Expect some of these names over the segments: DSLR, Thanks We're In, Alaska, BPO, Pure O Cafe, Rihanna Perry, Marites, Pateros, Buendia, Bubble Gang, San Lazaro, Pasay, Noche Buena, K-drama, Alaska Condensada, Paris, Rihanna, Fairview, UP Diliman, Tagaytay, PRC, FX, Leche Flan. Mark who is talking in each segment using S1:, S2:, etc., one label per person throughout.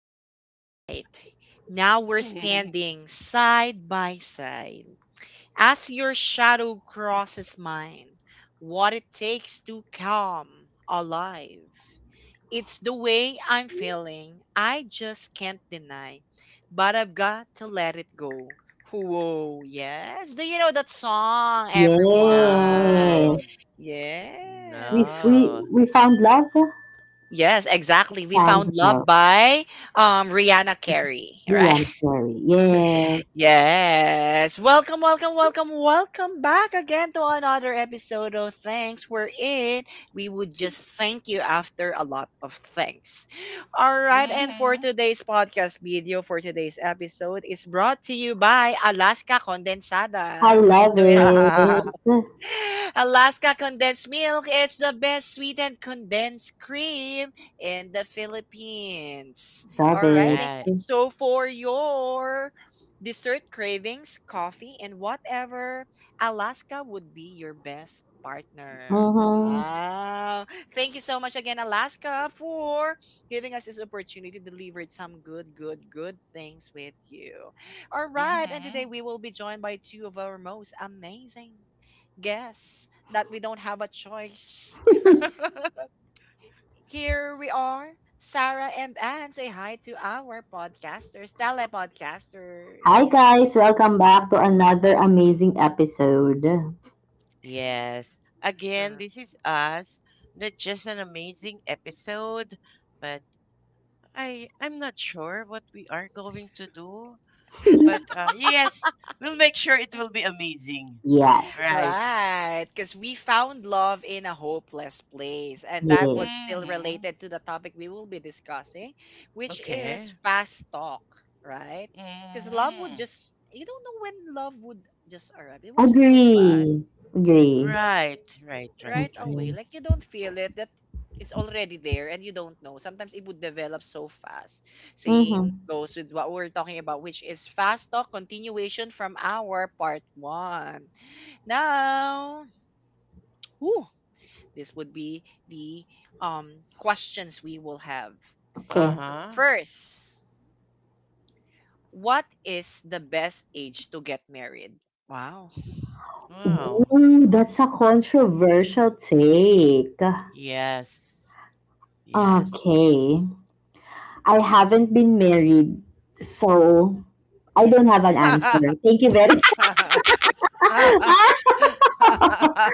S1: in the light. Now we're standing side by side. As your shadow crosses mine, what it takes to come alive. It's the way I'm feeling, I just can't deny. But I've got to let it go. Whoa, yes. Do you know that song, everyone?
S2: No,
S3: Yes.
S1: Yes.
S3: We, we,
S2: no.
S3: we found love.
S1: Yes, exactly. We
S3: Found
S1: found love
S3: love.
S1: by Rihanna Carey, right?
S3: Rihanna Perry. Yes.
S1: Yes. Welcome, welcome, welcome, welcome back again to another episode of Thanks We're In. We would just thank you after a lot of thanks. All right, and for
S2: Mhm.
S1: today's podcast video, for today's episode is brought to you by Alaska
S3: I
S1: Condensada.
S3: love
S1: So
S2: Right.
S3: it.
S1: Alaska condensed milk. It's the best sweetened condensed cream in the Philippines.
S3: Love it.
S1: Alrighty. So for your dessert cravings, coffee, and whatever, Alaska would be your best partner.
S3: Mm-hmm.
S1: Wow. Thank you so much again, Alaska, for giving us this opportunity to deliver some good, good, good things with you. All right. And today
S2: Mhm.
S1: we will be joined by two of our most amazing guess that we don't have a choice. Here we are. Sarah and Anne, say hi to our podcasters,
S3: Hi,
S1: telepodcasters.
S3: guys. Welcome back to another amazing episode.
S2: Yes. Again,
S1: R-
S2: this is us. Not just an amazing episode, but I'm not sure what we are going to do. But yes, we'll make sure it will be amazing.
S3: Yes.
S2: Right.
S1: Right, because we found love in a hopeless place, and that
S3: Yes.
S1: was still
S2: Mhm.
S1: related to the topic we will be discussing, which
S2: Okay.
S1: is fast talk, right? Because love would
S2: Mhm.
S1: just, you don't know when love would just arrive. It was just so fast,
S3: Agree. Agree.
S2: Right. Right. Right.
S1: right
S2: Right.
S1: away.
S3: Okay.
S1: Like, you don't feel it that it's already there and you don't know. Sometimes it would develop so fast. Same
S3: Mm-hmm.
S1: goes with what we're talking about, which is fast talk continuation from our part one. Now, whew, this would be the um questions we will have.
S3: Okay.
S2: Uh-huh.
S1: First, what is the best age to get married? Wow.
S2: Wow.
S3: Ooh, that's a controversial take.
S2: Yes. Yes.
S3: Okay. I haven't been married, so I don't have an answer. Thank you very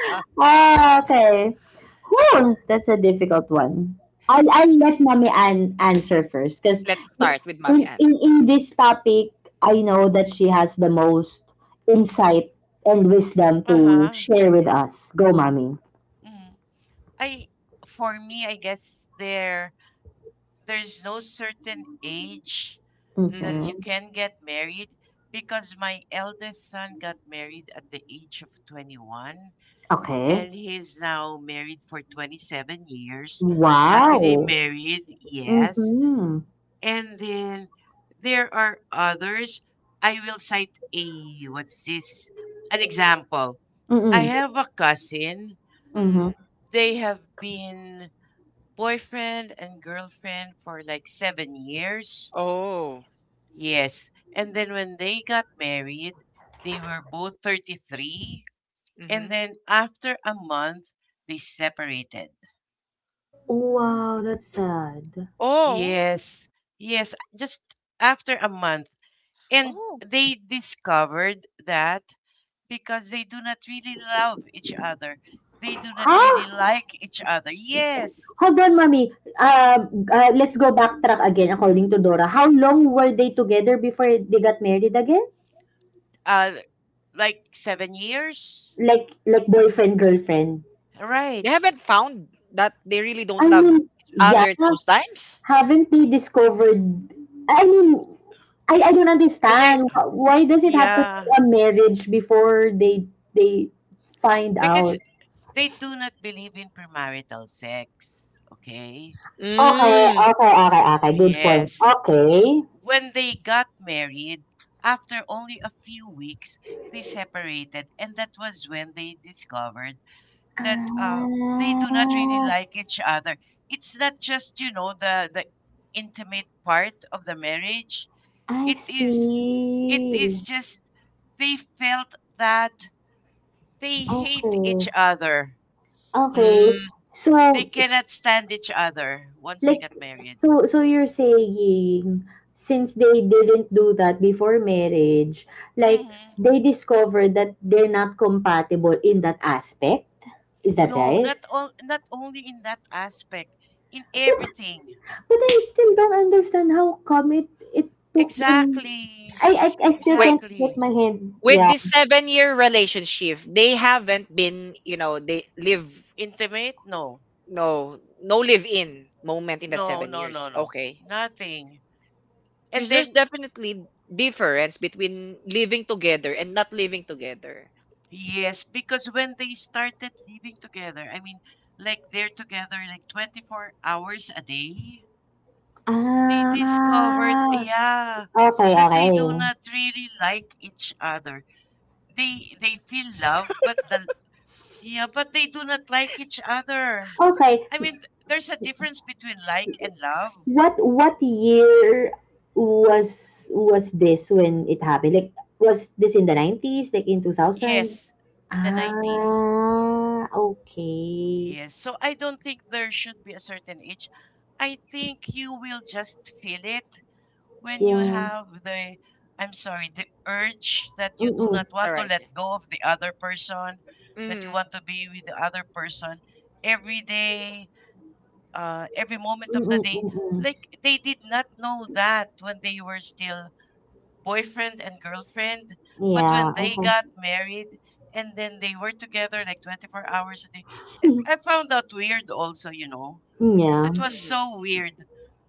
S3: ah, okay. Whew, that's a difficult one. I'll let mommy answer first because
S1: Let's start with Mommy
S3: in,
S1: Ann.
S3: in, in this topic, I know that she has the most insight and wisdom to
S2: Uh-huh.
S3: share with us. Go, mommy.
S2: Mm. I For me, I guess there's no certain age
S1: Mm-hmm.
S2: that
S3: Okay.
S2: you can get married, because my eldest son got married at the age of 21,
S3: Okay.
S2: and he's now married for 27 years, happily
S3: Wow.
S2: married. Yes.
S3: Mm-hmm.
S2: And then there are others. I will cite a, what's this? An example. I
S3: Mm-hmm.
S2: have a cousin.
S3: Mm-hmm.
S1: Mm-hmm.
S2: They have been boyfriend and girlfriend for like 7 years.
S1: Oh.
S2: Yes. And then when they got married, they were both 33.
S1: Mm-hmm.
S2: And then after a month, they separated.
S3: Wow, that's sad.
S1: Oh.
S2: Yes. Yes. Just after a month. And
S1: Oh.
S2: they discovered that, because they do not really love each other, they do not really
S3: Huh?
S2: like each other. Yes.
S3: Hold on, mommy. Let's go backtrack again according to Dora. How long were they together before they got married again?
S2: uh like 7 years.
S3: Like boyfriend girlfriend.
S2: Right.
S1: They haven't found that they really don't
S3: I
S1: love each
S3: mean, yeah,
S1: other those times?
S3: haven't they discovered, I mean, I don't
S2: They,
S3: understand. Why does it have to
S2: yeah,
S3: be a marriage before they find
S2: because
S3: out?
S2: they do not believe in premarital sex. Okay.
S3: Okay,
S1: Mm,
S3: okay, okay, okay. Good point.
S2: Yes,
S3: Okay.
S2: when they got married, after only a few weeks, they separated, and that was when they discovered that, they do not really
S3: Ah,
S2: like each other. It's not just the intimate part of the marriage.
S3: I
S2: It is it
S3: see.
S2: is just, they felt that they hate each
S3: Okay.
S2: other.
S3: Okay.
S1: mm.
S2: They
S3: So,
S2: cannot stand each other once they
S3: like,
S2: got married.
S3: so, so you're saying, since they didn't do that before marriage, like,
S2: Hmm.
S3: they discovered that they're not compatible in that aspect? Is that
S2: No,
S3: right?
S2: not on, not only in that aspect, in everything.
S3: But I still don't understand how come it took them,
S2: Exactly,
S3: I,
S1: S-
S3: I, I still
S1: Wait,
S3: can't get
S2: exactly.
S3: my head,
S1: with
S3: yeah.
S1: this seven-year relationship, they haven't been, they live
S2: Intimate? No,
S1: no, no live-in moment in that
S2: no,
S1: seven
S2: no, no,
S1: years.
S2: no.
S1: Okay.
S2: Nothing. And
S1: Because there's
S2: then,
S1: definitely difference between living together and not living together.
S2: yes, because when they started living together, I mean, like they're together like 24 hours a day, they discovered,
S3: Ah,
S2: yeah,
S3: okay,
S2: that they
S3: okay.
S2: do not really like each other. They feel love, but the yeah, but they do not like each other.
S3: Okay.
S2: I mean, there's a difference between like and love.
S3: What year was this when it happened? Like, was this in the 90s? Like in 2000?
S2: Yes, in the 90s.
S3: Ah, okay.
S2: Yes. So I don't think there should be a certain age. I think you will just feel it when you
S3: Yeah.
S2: have the urge that you do
S3: Mm.
S2: not
S1: All
S2: want to
S1: right.
S2: let go of the other person, that you
S1: Mm-hmm.
S2: want to be with the other person every day, every moment
S3: Mm,
S2: of the day.
S3: mm, mm.
S2: Like they did not know that when they were still boyfriend and girlfriend, but
S3: Yeah,
S2: when they
S3: okay.
S2: got married and then they were together like 24 hours a day. And I found that weird also.
S3: Yeah,
S2: That was
S1: Mm-hmm.
S2: so weird.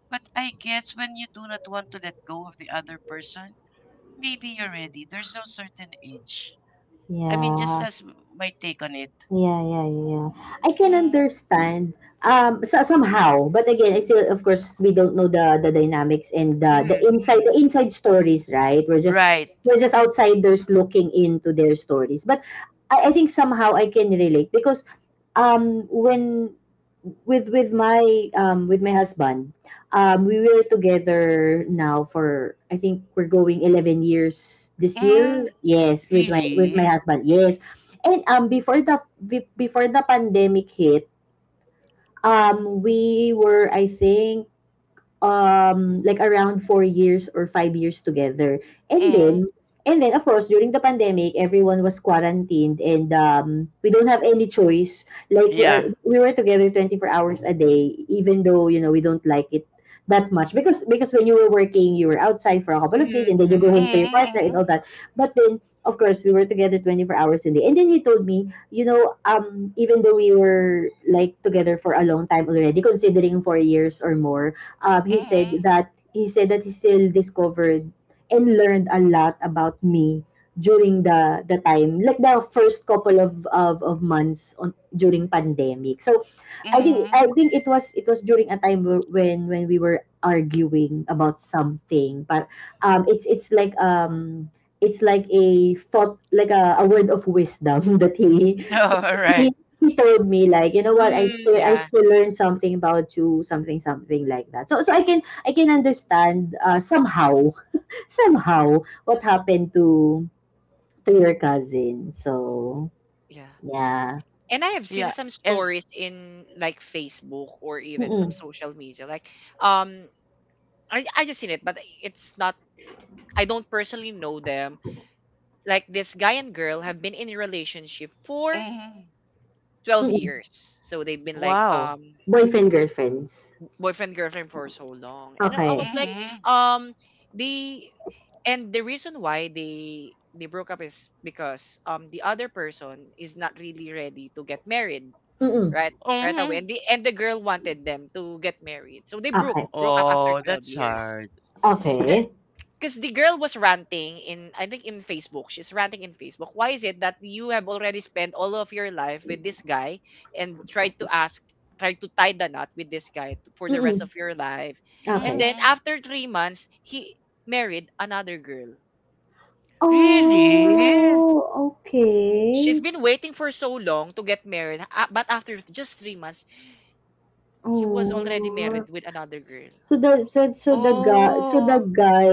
S2: But I guess when you do not want to let go of the other person, maybe you're ready. There's no certain age. I mean, just
S3: yeah.
S2: as my take on it.
S3: Yeah, yeah, yeah, yeah. I can
S2: Mm,
S3: understand, so somehow, but again, I still, of course, we don't know the dynamics and
S1: Mm-hmm.
S3: the inside stories, right?
S2: right.
S3: We're just outsiders looking into their stories, but I think somehow I can relate because when with my husband, we were together now for, I think, we're going 11 years this year,
S2: Mm,
S3: yes, with my
S2: really?
S3: husband, yes. And before before the pandemic hit, we were, I think, like around 4 years or 5 years together. And
S2: Mm,
S3: then, and then of course during the pandemic, everyone was quarantined, and we don't have any choice. Like
S2: yeah.
S3: we were together 24 hours a day, even though, you know, we don't like it that much, because when you were working, you were outside for a couple of days
S1: Mm-hmm.
S3: and then you go
S1: Mm-hmm.
S3: home to your
S2: Mm,
S3: partner and
S2: mm,
S3: all that. But then of course we were together 24 hours a day. And then he told me, you know, even though we were like together for a long time already, considering 4 years or more,
S2: mm,
S3: he said that he still discovered and learned a lot about me during the time, like the first couple of months on during pandemic. So
S2: mm.
S3: I think it was, it was during a time when we were arguing about something. But it's like, it's like a thought, like a word of wisdom that
S2: All right.
S3: he, he told me, like, you know what,
S1: Mm-hmm.
S3: I
S1: Yeah.
S3: still learned something about you, something something like that. So so I can understand, somehow, somehow, what happened to your cousin. So
S1: Yeah.
S3: yeah.
S1: And I have seen
S2: Yeah.
S1: some
S2: And
S1: stories in, like, Facebook or even some
S3: Mm.
S1: social media. Like, um, I just seen it, but it's not, I don't personally know them. Like, this guy and girl have been in a relationship for
S2: mm,
S1: 12
S3: Mm.
S1: years. So they've been, like,
S2: wow.
S3: Boyfriend girlfriends.
S1: boyfriend, girlfriend for so long. And I
S3: Okay.
S1: was like,
S2: Mm,
S1: um, they, and the reason why they broke up is because the other person is not really ready to get married
S3: Mm.
S1: right right away,
S2: mm.
S1: and the girl wanted them to get married, so they broke
S3: Okay.
S1: broke up after
S2: Oh,
S1: 12
S2: that's
S1: years.
S2: hard.
S3: Okay.
S1: Because the girl was ranting in, I think, in Facebook. She's ranting in Facebook, why is it that you have already spent all of your life with this guy and tried to tie the knot with this guy for the rest
S3: Mm.
S1: of your life, and
S3: Okay.
S1: then
S2: Mm,
S1: after 3 months he married another girl.
S2: really?
S3: Oh,
S1: She's
S3: okay.
S1: been waiting for so long to get married, but after just 3 months he was already
S3: Oh.
S1: married with another girl.
S3: So the so the
S2: Oh,
S3: guy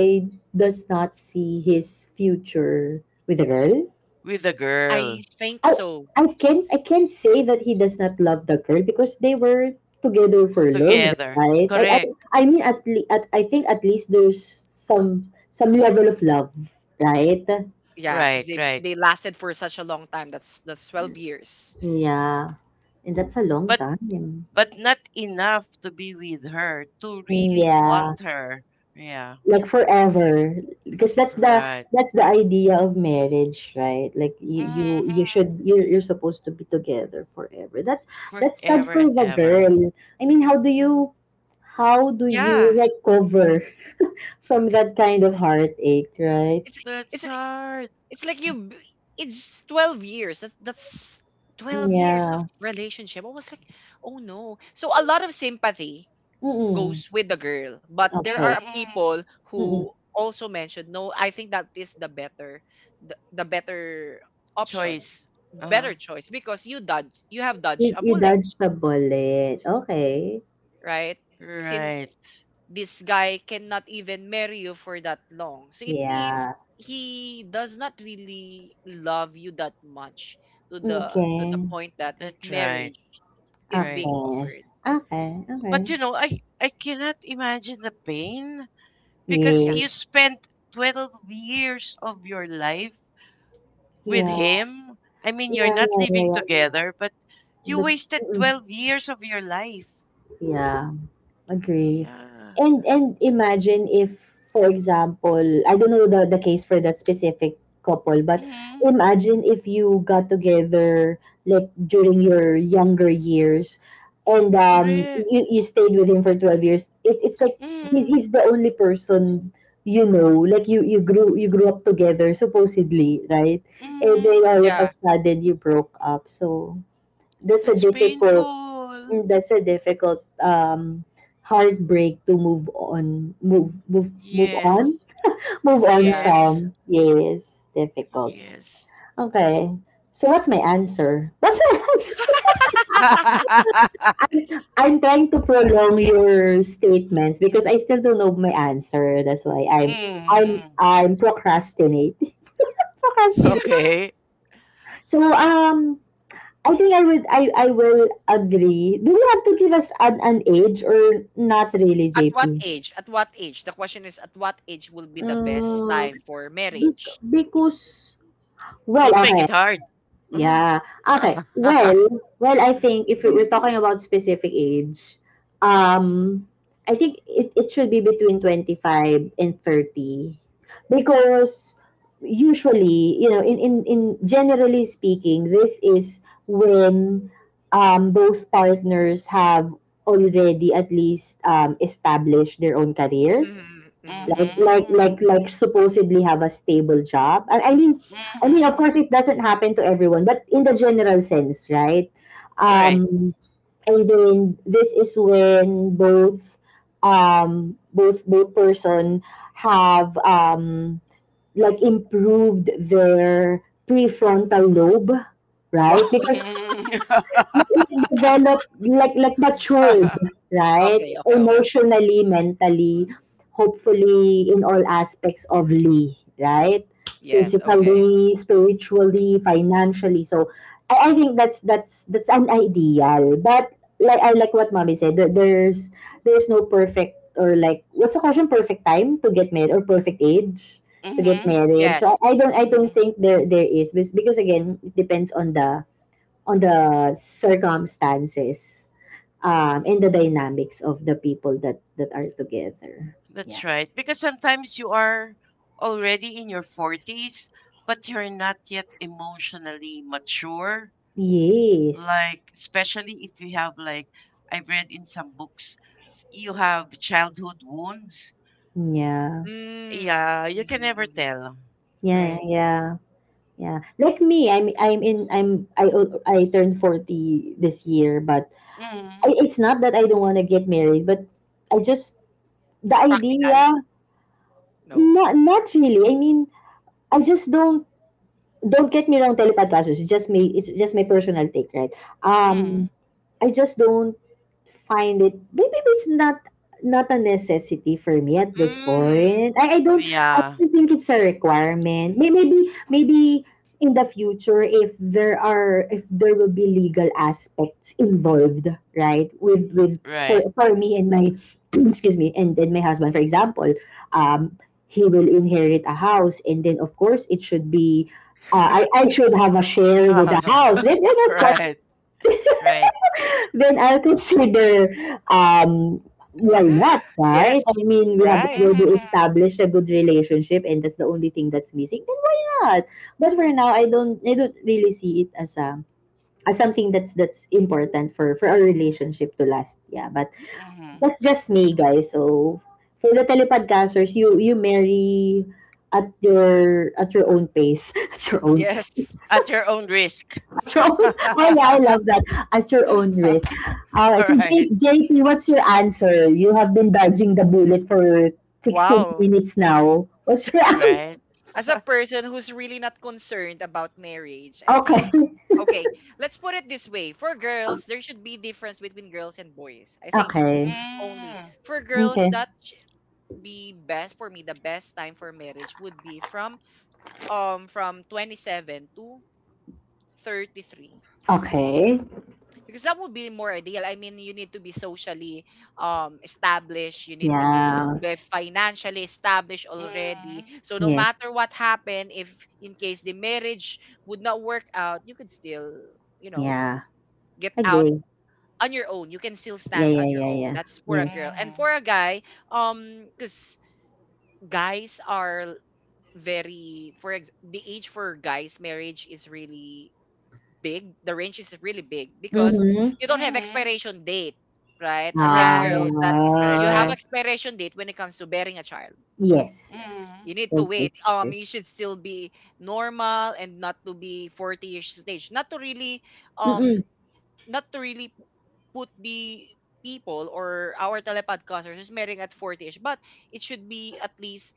S3: does not see his future with the girl?
S2: with a girl
S1: I think
S3: I
S1: so.
S3: I can't say that he does not love the girl because they were together for long,
S2: together.
S3: right?
S2: Correct.
S3: I mean, at, I think, at least there's some level of love, right?
S1: Yeah, because
S2: Right,
S1: they
S2: right.
S1: lasted for such a long time. That's 12 years.
S3: Yeah, and that's a long
S2: But
S3: time.
S2: but not enough to be with her to really
S3: Yeah.
S2: want her. Yeah,
S3: Like forever, because that's
S2: right.
S3: the idea of marriage, right? Like you you
S2: Mm-hmm,
S3: you
S2: mm-hmm.
S3: should, you're supposed to be together forever. That's sad
S2: Forever
S3: for
S2: and
S3: the
S2: ever.
S3: girl. I mean, how do you
S1: Yeah,
S3: recover from that kind of heartache, right?
S1: it's
S2: That's
S1: it's
S2: hard.
S1: like you. It's 12 years. That's 12 years of
S3: Yeah.
S1: relationship. I was like, oh no. So a lot of sympathy
S3: Mm-mm.
S1: goes with the girl, but there
S2: Mm-hmm,
S3: Okay.
S1: are
S2: mm-hmm.
S1: people
S3: Mm-mm.
S1: who also mentioned, no, I think that is the better, the better option,
S2: Choice. Uh,
S1: better choice, because you have
S3: You,
S1: dodged a
S3: you
S1: bullet,
S3: dodged the bullet, okay.
S1: right? Since
S2: right.
S1: this guy cannot even marry you for that long. So it means
S3: Yeah.
S1: he does not really love you that much, to the
S3: Okay,
S1: point that
S2: That's right.
S1: marriage is
S2: Right.
S1: being
S3: okay,
S1: offered.
S3: okay, okay.
S2: But you know, I cannot imagine the pain,
S3: Yeah,
S2: because
S1: Yeah.
S2: you spent 12 years of your life with
S3: yeah,
S2: him. I mean, you're
S3: yeah,
S2: not
S3: yeah,
S2: living
S3: yeah.
S2: together, but you
S3: But,
S2: wasted
S3: mm,
S2: 12 years of your life.
S3: yeah, agree.
S2: Yeah.
S3: And imagine if, for example, I don't know the case for that specific couple, but
S2: Mm-hmm.
S3: imagine if you got together like during your younger years, and
S2: Mm-hmm. Correct.
S3: you stayed with him for 12 years. It, it's like
S2: Mm-hmm.
S3: he's the only person, you know. Like you grew, you grew up together, supposedly, right? And
S2: Mm-hmm.
S3: then all of
S1: Yeah.
S3: a sudden you broke up. So that's a
S2: That's
S3: difficult,
S2: painful.
S3: mm, that's a difficult, um, heartbreak to move on, move
S2: Yes.
S3: on, move on
S1: Yeah.
S2: Yes.
S3: from, yes, difficult.
S2: Yes.
S3: Okay. So what's my answer? What's my answer?
S2: Mm,
S3: I'm trying to prolong your statements because I still don't know my answer. That's why I'm, I'm procrastinate, procrastinate.
S2: okay.
S3: So, um, I will agree. Do you have to give us an age or not really,
S1: At what
S3: JP?
S1: age? At what age? The question is, at what age will be the best
S3: Mm.
S1: time for marriage?
S3: Because, well,
S2: Don't make
S3: okay.
S2: it hard. uh
S3: Yeah. Okay. Well, well, I think if we're talking about specific age, um, I think it, it should be between 25 and 30, because usually, you know, in generally speaking, this is when, both partners have already, at least, established their own careers.
S1: Mm-hmm, mm-hmm, mm-hmm.
S2: Mm-hmm.
S3: Like supposedly have a stable job. I mean, I mean, of course it doesn't happen to everyone, but in the general sense, right?
S2: Mm-hmm. Right.
S3: Um, and then this is when both, um, both person have, um, like improved their prefrontal lobe,
S1: Wow.
S3: right? Because
S2: Mm-hmm.
S3: like developed, like matured, right?
S1: Okay, okay, okay, okay.
S3: Emotionally, mentally, hopefully in all aspects of Lee, right?
S1: Yes, okay.
S3: Physically, spiritually, financially. So I think that's that's an ideal. But like, I like what mommy said, that there's no perfect, or like what's the question, perfect time to get married or perfect age to get
S2: Mm-hmm.
S3: married. So
S1: Yes.
S3: I don't
S2: Mm-hmm.
S3: think there there is, because again it depends on the circumstances, and the dynamics of the people that that are together. Yeah.
S2: That's right. Because sometimes you are already in your 40s, but you're not yet emotionally mature.
S3: Yes.
S2: Like, especially if you have, like, I've read in some books, you have childhood wounds.
S3: Yeah.
S1: Mm,
S2: Yeah, you can
S1: mm-hmm,
S2: never
S1: mm-hmm.
S2: tell.
S3: Yeah.
S2: Right.
S3: Yeah. Yeah. Like me, I'm in I turned forty this year. But
S2: Mm,
S3: it's not that I don't want to get married, but I just the
S1: Practical?
S3: idea,
S1: No.
S3: not not really. I mean, I just don't get me wrong, telepodcasters. It's just me. It's just my personal take, right?
S2: mm.
S3: Um, I just don't find it, maybe it's not, not a necessity for me at this
S1: Mm-hmm.
S3: point. I don't
S2: Yeah,
S3: think it's a requirement. Maybe, maybe in the future, if there are, if there will be, legal aspects involved, right? With
S2: right.
S3: for me and my excuse me, and then my husband, for example, um, he will inherit a house, and then of course it should be, I should have a share with the house. Then of course
S2: Right, right.
S3: then I'll consider, um, why not, right?
S1: Yes,
S3: I mean, we have
S1: right.
S2: Mm-hmm,
S3: already
S2: mm-hmm,
S3: established a good relationship, and that's the only thing that's missing. Then why not? But for now, I don't really see it as a as something that's important for our relationship to last. Yeah, but
S2: mm-hmm.
S3: that's just me, guys. So for the telepodcasters, you marry at your own pace, at your own,
S1: Yes.
S2: At your own risk.
S3: so, oh yeah, I love that. At your own risk. All right. So,
S2: Right.
S3: JP, what's your answer? You have been dodging the bullet for 16
S1: Wow.
S3: minutes now. What's your
S1: As a
S3: answer?
S2: Right.
S1: as a person who's really not concerned about marriage, I think
S3: Okay.
S1: okay, let's put it this way. For girls, there should be difference between girls and boys. I think
S3: Okay.
S1: only
S2: Mm,
S1: for girls
S3: Okay.
S1: that the best, for me, the best time for marriage would be from 27 to 33.
S3: Okay.
S1: Because that would be more ideal. I mean, you need to be socially established. You need to
S3: Yeah.
S1: be financially established already.
S2: mm,
S1: So no
S3: Yes.
S1: matter what happened, if in case the marriage would not work out, you could still, you know,
S3: Yeah.
S1: get out
S3: Agree.
S1: on your own. You can still
S3: Yeah,
S1: stand on
S3: yeah,
S1: your
S3: yeah,
S1: own.
S3: yeah.
S1: That's for a
S3: Yes.
S1: girl. And
S2: mm,
S1: for a guy, because guys are very, the age for guys marriage is really big. The range is really big because
S3: Mm-hmm.
S1: you don't have
S2: mm.
S1: expiration date, right? Unlike girls,
S2: Right.
S1: that
S2: Right.
S1: you have
S2: Right.
S3: Uh,
S1: expiration date when it comes to bearing a child.
S3: yes.
S1: You
S2: Mm,
S1: need to
S3: Yes,
S1: wait.
S3: yes, yes, yes.
S1: You should still be normal and not to be 40-ish stage. Um
S3: Mm-mm.
S1: not to really put the people or our telepodcasters who's marrying at 40ish, but it should be at least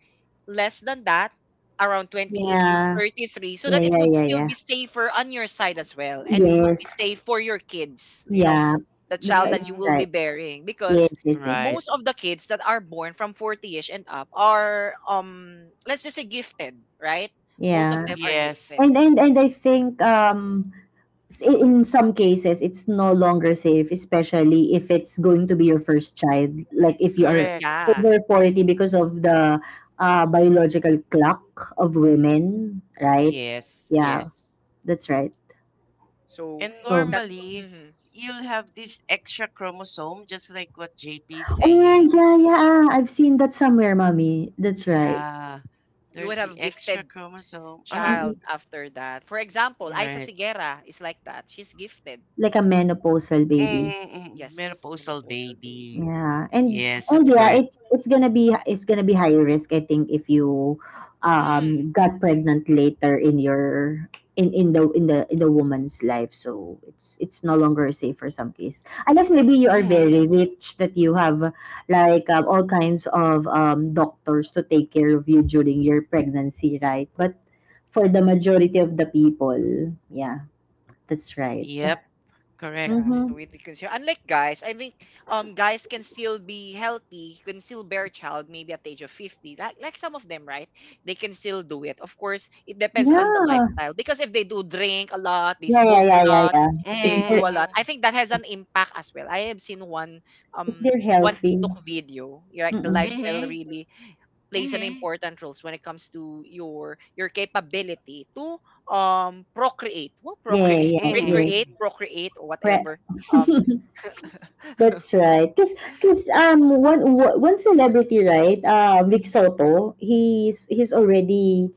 S1: less than that, around 28 to
S3: Yeah.
S1: 33, so
S3: Yeah,
S1: that it
S3: yeah,
S1: would
S3: yeah,
S1: still
S3: yeah.
S1: be safer on your side as well. And it would be
S3: Yes.
S1: safe for your kids,
S3: Yeah,
S1: the child
S3: that's
S1: that you
S2: mm.
S1: will be
S3: right.
S1: bearing.
S3: Yes,
S1: Because
S3: yes, yes, yes.
S2: Right.
S1: most of the kids that are born from 40ish and up are, let's just say, gifted, right? Most of
S3: Yeah,
S1: them are
S2: Yes.
S1: gifted.
S3: and I think, um, in some cases it's no longer safe, especially if it's going to be your first child. Like if you are
S2: Correct.
S1: Yeah.
S3: over forty because of the, biological clock of women, right?
S2: Yes.
S3: Yeah,
S2: Yes.
S3: that's right.
S1: So
S2: And
S3: So,
S1: that's,
S2: normally,
S1: mhm,
S2: you'll have this extra chromosome, just like what JP is
S3: oh yeah,
S2: saying.
S3: yeah, yeah. I've seen that somewhere, mommy. That's right.
S2: Yeah.
S1: you would
S2: There's the
S1: have
S2: extra
S1: gifted
S2: chromosome. Uh-huh.
S3: Mm-mm.
S1: child after that. For example, Isa
S2: Right.
S1: Sigera is like that. She's gifted.
S3: Like a menopausal baby.
S2: Mm-mm.
S1: Yes,
S2: Menopausal
S1: menopausal
S2: baby.
S1: baby.
S3: Yeah,
S2: Yes,
S3: and
S2: that's
S3: yeah,
S2: correct.
S3: it's gonna be, it's gonna be high risk, I think, if you,
S1: Mm,
S3: um, got pregnant later in your, in the, in the in the woman's life, so it's no longer safe for some case. Unless maybe you are
S2: Mm.
S3: very rich that you have like, all kinds of, um, doctors to take care of you during your pregnancy, right? But for the majority of the people, yeah, that's right.
S2: Yep.
S1: yeah,
S2: Correct.
S3: Mm-hmm.
S1: so with the consume. Unlike guys, I think guys can still be healthy, can still bear child maybe at the age of 50. Like some of them, right? They can still do it. Of course, it depends on the
S3: Yeah.
S1: lifestyle because if they do drink a lot, they
S3: Yeah, yeah,
S1: smoke
S3: yeah,
S1: a
S3: yeah,
S1: lot,
S3: yeah. If
S1: they
S3: they're
S1: do a
S2: Mm-hmm.
S1: lot. I think that has an impact as well. I have seen one
S3: If they're healthy.
S1: TikTok video, like, the
S3: Mm-mm.
S1: lifestyle
S2: Mm-hmm.
S1: really plays an
S2: Mm-hmm.
S1: important roles when it comes to your capability to procreate. Well,
S3: Yeah, yeah,
S1: procreate,
S3: yeah,
S2: Mm-hmm.
S3: yeah.
S1: recreate, procreate, or
S3: Pre-
S1: whatever. Um,
S3: That's right. Cause, cause one, wo- one celebrity, right? Vic Soto, he's already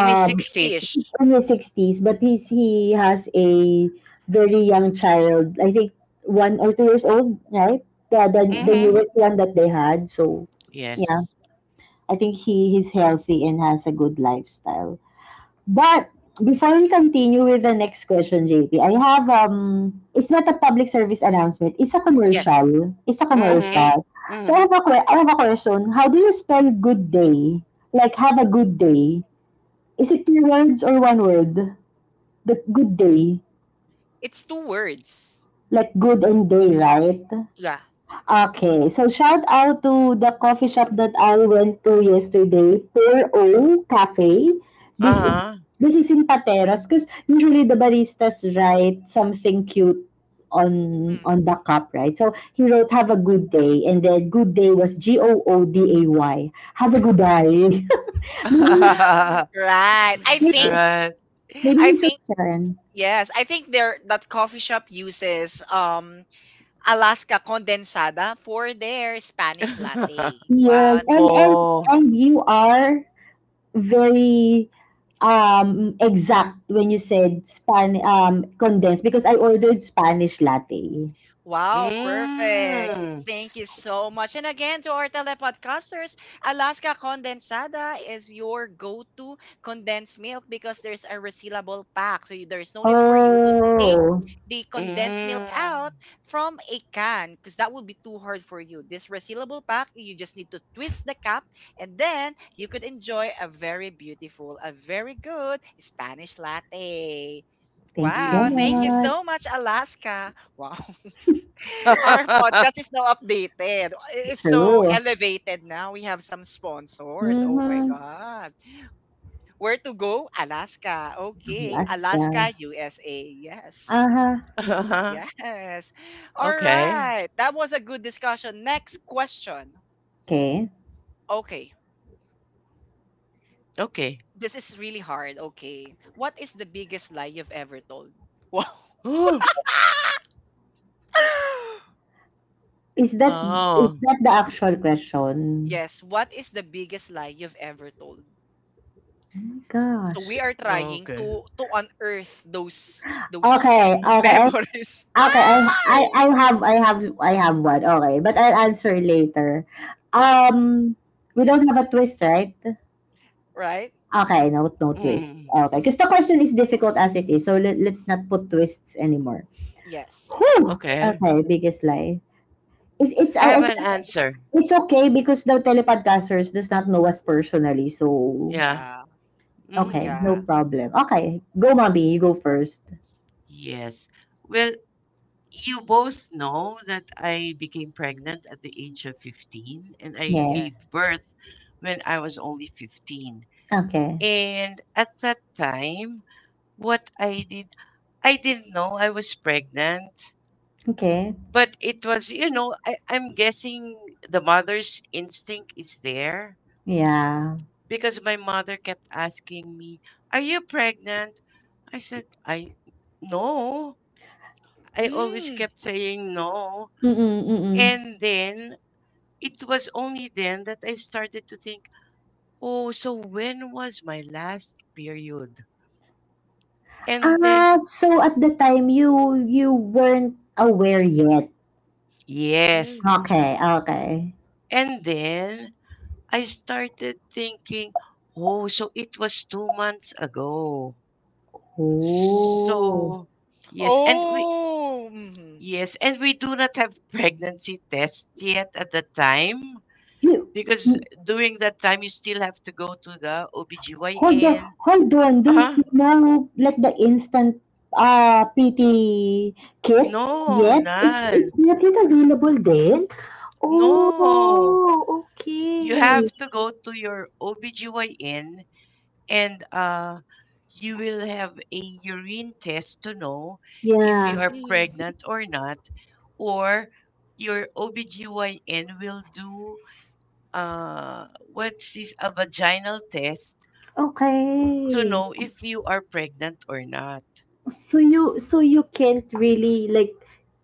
S2: In his
S1: 60-ish.
S2: 60s.
S3: in his sixties, but he has a very young child, I think 1 or 2 years old, right? The
S2: Mm-hmm.
S3: newest one that they had. So yeah,
S2: Yes.
S3: I think he's healthy and has a good lifestyle. But before we continue with the next question, JP, I have it's not a public service announcement. It's a
S1: Yes.
S3: commercial. It's a
S2: Mm-hmm.
S1: Okay.
S3: commercial.
S2: Mm-hmm.
S3: So I have I have a question. How do you spell good day? Like have a good day. Is it two words or one word? The good day.
S1: It's two words.
S3: Like good and day, right?
S1: Yeah.
S3: Okay, so shout out to the coffee shop that I went to yesterday, Pure O Cafe. This is
S2: Uh-huh.
S3: this is in Pateros because usually the baristas write something cute on
S1: Mm.
S3: the cup, right? So he wrote, "Have a good day," and then "Good day" was GOODAY. Have a good day. maybe
S1: Right. I
S3: maybe
S1: think
S2: Right.
S3: Maybe
S1: I
S3: he's so—
S1: think yes, I think their that coffee shop uses Alaska condensada for their Spanish latte.
S3: Yes,
S1: Wow,
S2: Oh.
S3: and you are very exact when you said span condensed because I ordered Spanish latte.
S1: wow, perfect.
S2: Mm.
S1: Thank you so much. And again, to our telepodcasters, Alaska Condensada is your go to condensed milk because there's a resealable pack. So there's no need for you to take
S3: Oh,
S1: the condensed
S2: Mm.
S1: milk out from a can because that would be too hard for you. This resealable pack, you just need to twist the cap and then you could enjoy a very beautiful, a very good Spanish latte.
S3: thanks so
S1: Wow, thank you
S2: Mm-hmm.
S3: much.
S1: so much, Alaska. Wow. Our podcast is now updated. It is so
S3: True.
S1: elevated now. We have some sponsors. Oh my
S3: Mm-hmm.
S1: God. Where to go? Alaska. Okay.
S3: Alaska.
S1: Alaska, USA. Yes.
S3: Uh-huh.
S2: Uh-huh.
S1: Yes. All
S2: Okay.
S1: right. That was a good discussion. Next question.
S3: Okay.
S1: Okay.
S2: Okay.
S1: This is really hard. Okay. What is the biggest lie you've ever told? Wow.
S2: Oh.
S3: Is that is
S2: Oh.
S3: that the actual question?
S1: Yes. What is the biggest lie you've ever told?
S3: Oh my
S1: S so
S3: gosh.
S1: we are trying to
S2: Okay.
S1: to unearth those
S3: Okay, okay. I-
S1: memories.
S3: Okay,
S1: Ay!
S3: I have one. Okay, but I'll answer later. Um, we don't have a twist, right?
S1: Right?
S3: Okay, no, no twist.
S2: Mm.
S3: Okay, because the question is difficult as it is, so let's not put twists anymore.
S1: Yes.
S3: Whew!
S2: Okay.
S3: Okay, biggest lie.
S2: I have
S3: I
S2: an
S3: think
S2: answer.
S3: it's okay because the telepodcasters does not know us personally, so
S2: Yeah.
S1: Yeah.
S2: Mm-hmm.
S3: okay,
S1: Yeah.
S3: no problem. Okay, go, mommy, you go first.
S2: Yes. Well, you both know that I became pregnant at the age of 15, and I gave
S3: Yes.
S1: Yes.
S2: birth when I was only 15.
S3: Okay.
S2: And at that time, what I did, I didn't know I was pregnant,
S3: Okay.
S2: but it was, I'm guessing the mother's instinct is there,
S3: Yeah.
S2: because my mother kept asking me, are you pregnant? I said, I no. I always
S1: Mm.
S2: kept saying no.
S3: Mm-mm, mm-mm.
S2: And then it was only then that I started to think, oh, so when was my last period? And then,
S3: Ah, so at the time you weren't aware yet.
S2: yes.
S1: Mm.
S3: Okay, okay.
S2: And then I started thinking, oh, so it was 2 months ago.
S3: Oh.
S2: So, yes. And we,
S1: Oh. Mm-hmm.
S2: yes. And we do not have pregnancy tests yet at the time,
S3: You—
S2: because during that time, you still have to go to the
S3: Hold on,
S2: OBGYN.
S3: hold on. There's
S2: Ah,
S3: no like the instant PT kits
S2: no,
S3: yet.
S2: none.
S3: It's not yet available then.
S2: No,
S3: Oh,
S2: you have
S3: okay.
S2: to go to your OBGYN and you will have a urine test to know if you
S3: Yeah.
S2: are, yeah,
S1: Mm.
S2: pregnant or not, or your OBGYN will do, what's this, a vaginal test to
S3: Okay.
S2: know if you are pregnant or not.
S3: So you can't really like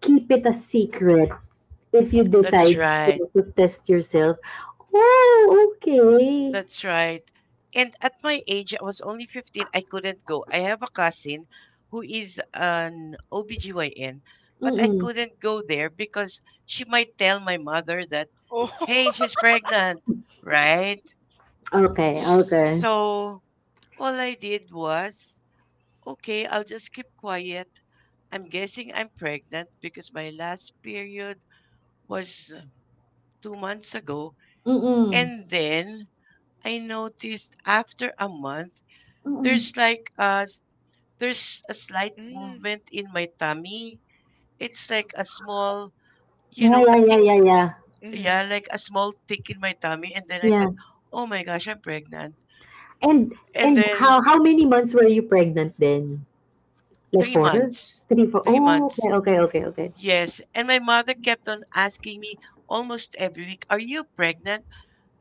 S3: keep it a secret if you
S2: That's
S3: decide
S2: right.
S3: to test yourself. Oh, okay.
S2: That's right. And at my age, I was only 15. I couldn't go. I have a cousin who is an OBGYN, but I
S3: Mm-mm.
S2: couldn't go there, because she might tell my mother that,
S1: Oh.
S2: hey, she's pregnant, right?
S3: Okay, okay.
S2: So all I did was, okay, I'll just keep quiet. I'm guessing I'm pregnant because my last period was, 2 months ago. And
S3: Mm-mm.
S2: then I noticed, after a month, There's
S3: Mm-mm.
S2: like a s- there's a slight
S1: Mm.
S2: movement in my tummy. It's like a small, you
S3: Yeah,
S2: know,
S3: yeah,
S2: a
S3: yeah,
S2: tick.
S3: yeah, yeah.
S2: Yeah,
S1: Mm-hmm.
S2: like a small tick in my tummy. And then I
S3: Yeah.
S2: said, "Oh my gosh, I'm pregnant."
S3: And—
S2: And
S3: And
S2: then
S3: how many months were you pregnant then? Like
S2: three
S3: four?
S2: months,
S3: Three, four.
S2: three
S3: Oh,
S2: months.
S3: okay, okay, okay, okay.
S2: Yes. And my mother kept on asking me almost every week, "Are you pregnant?"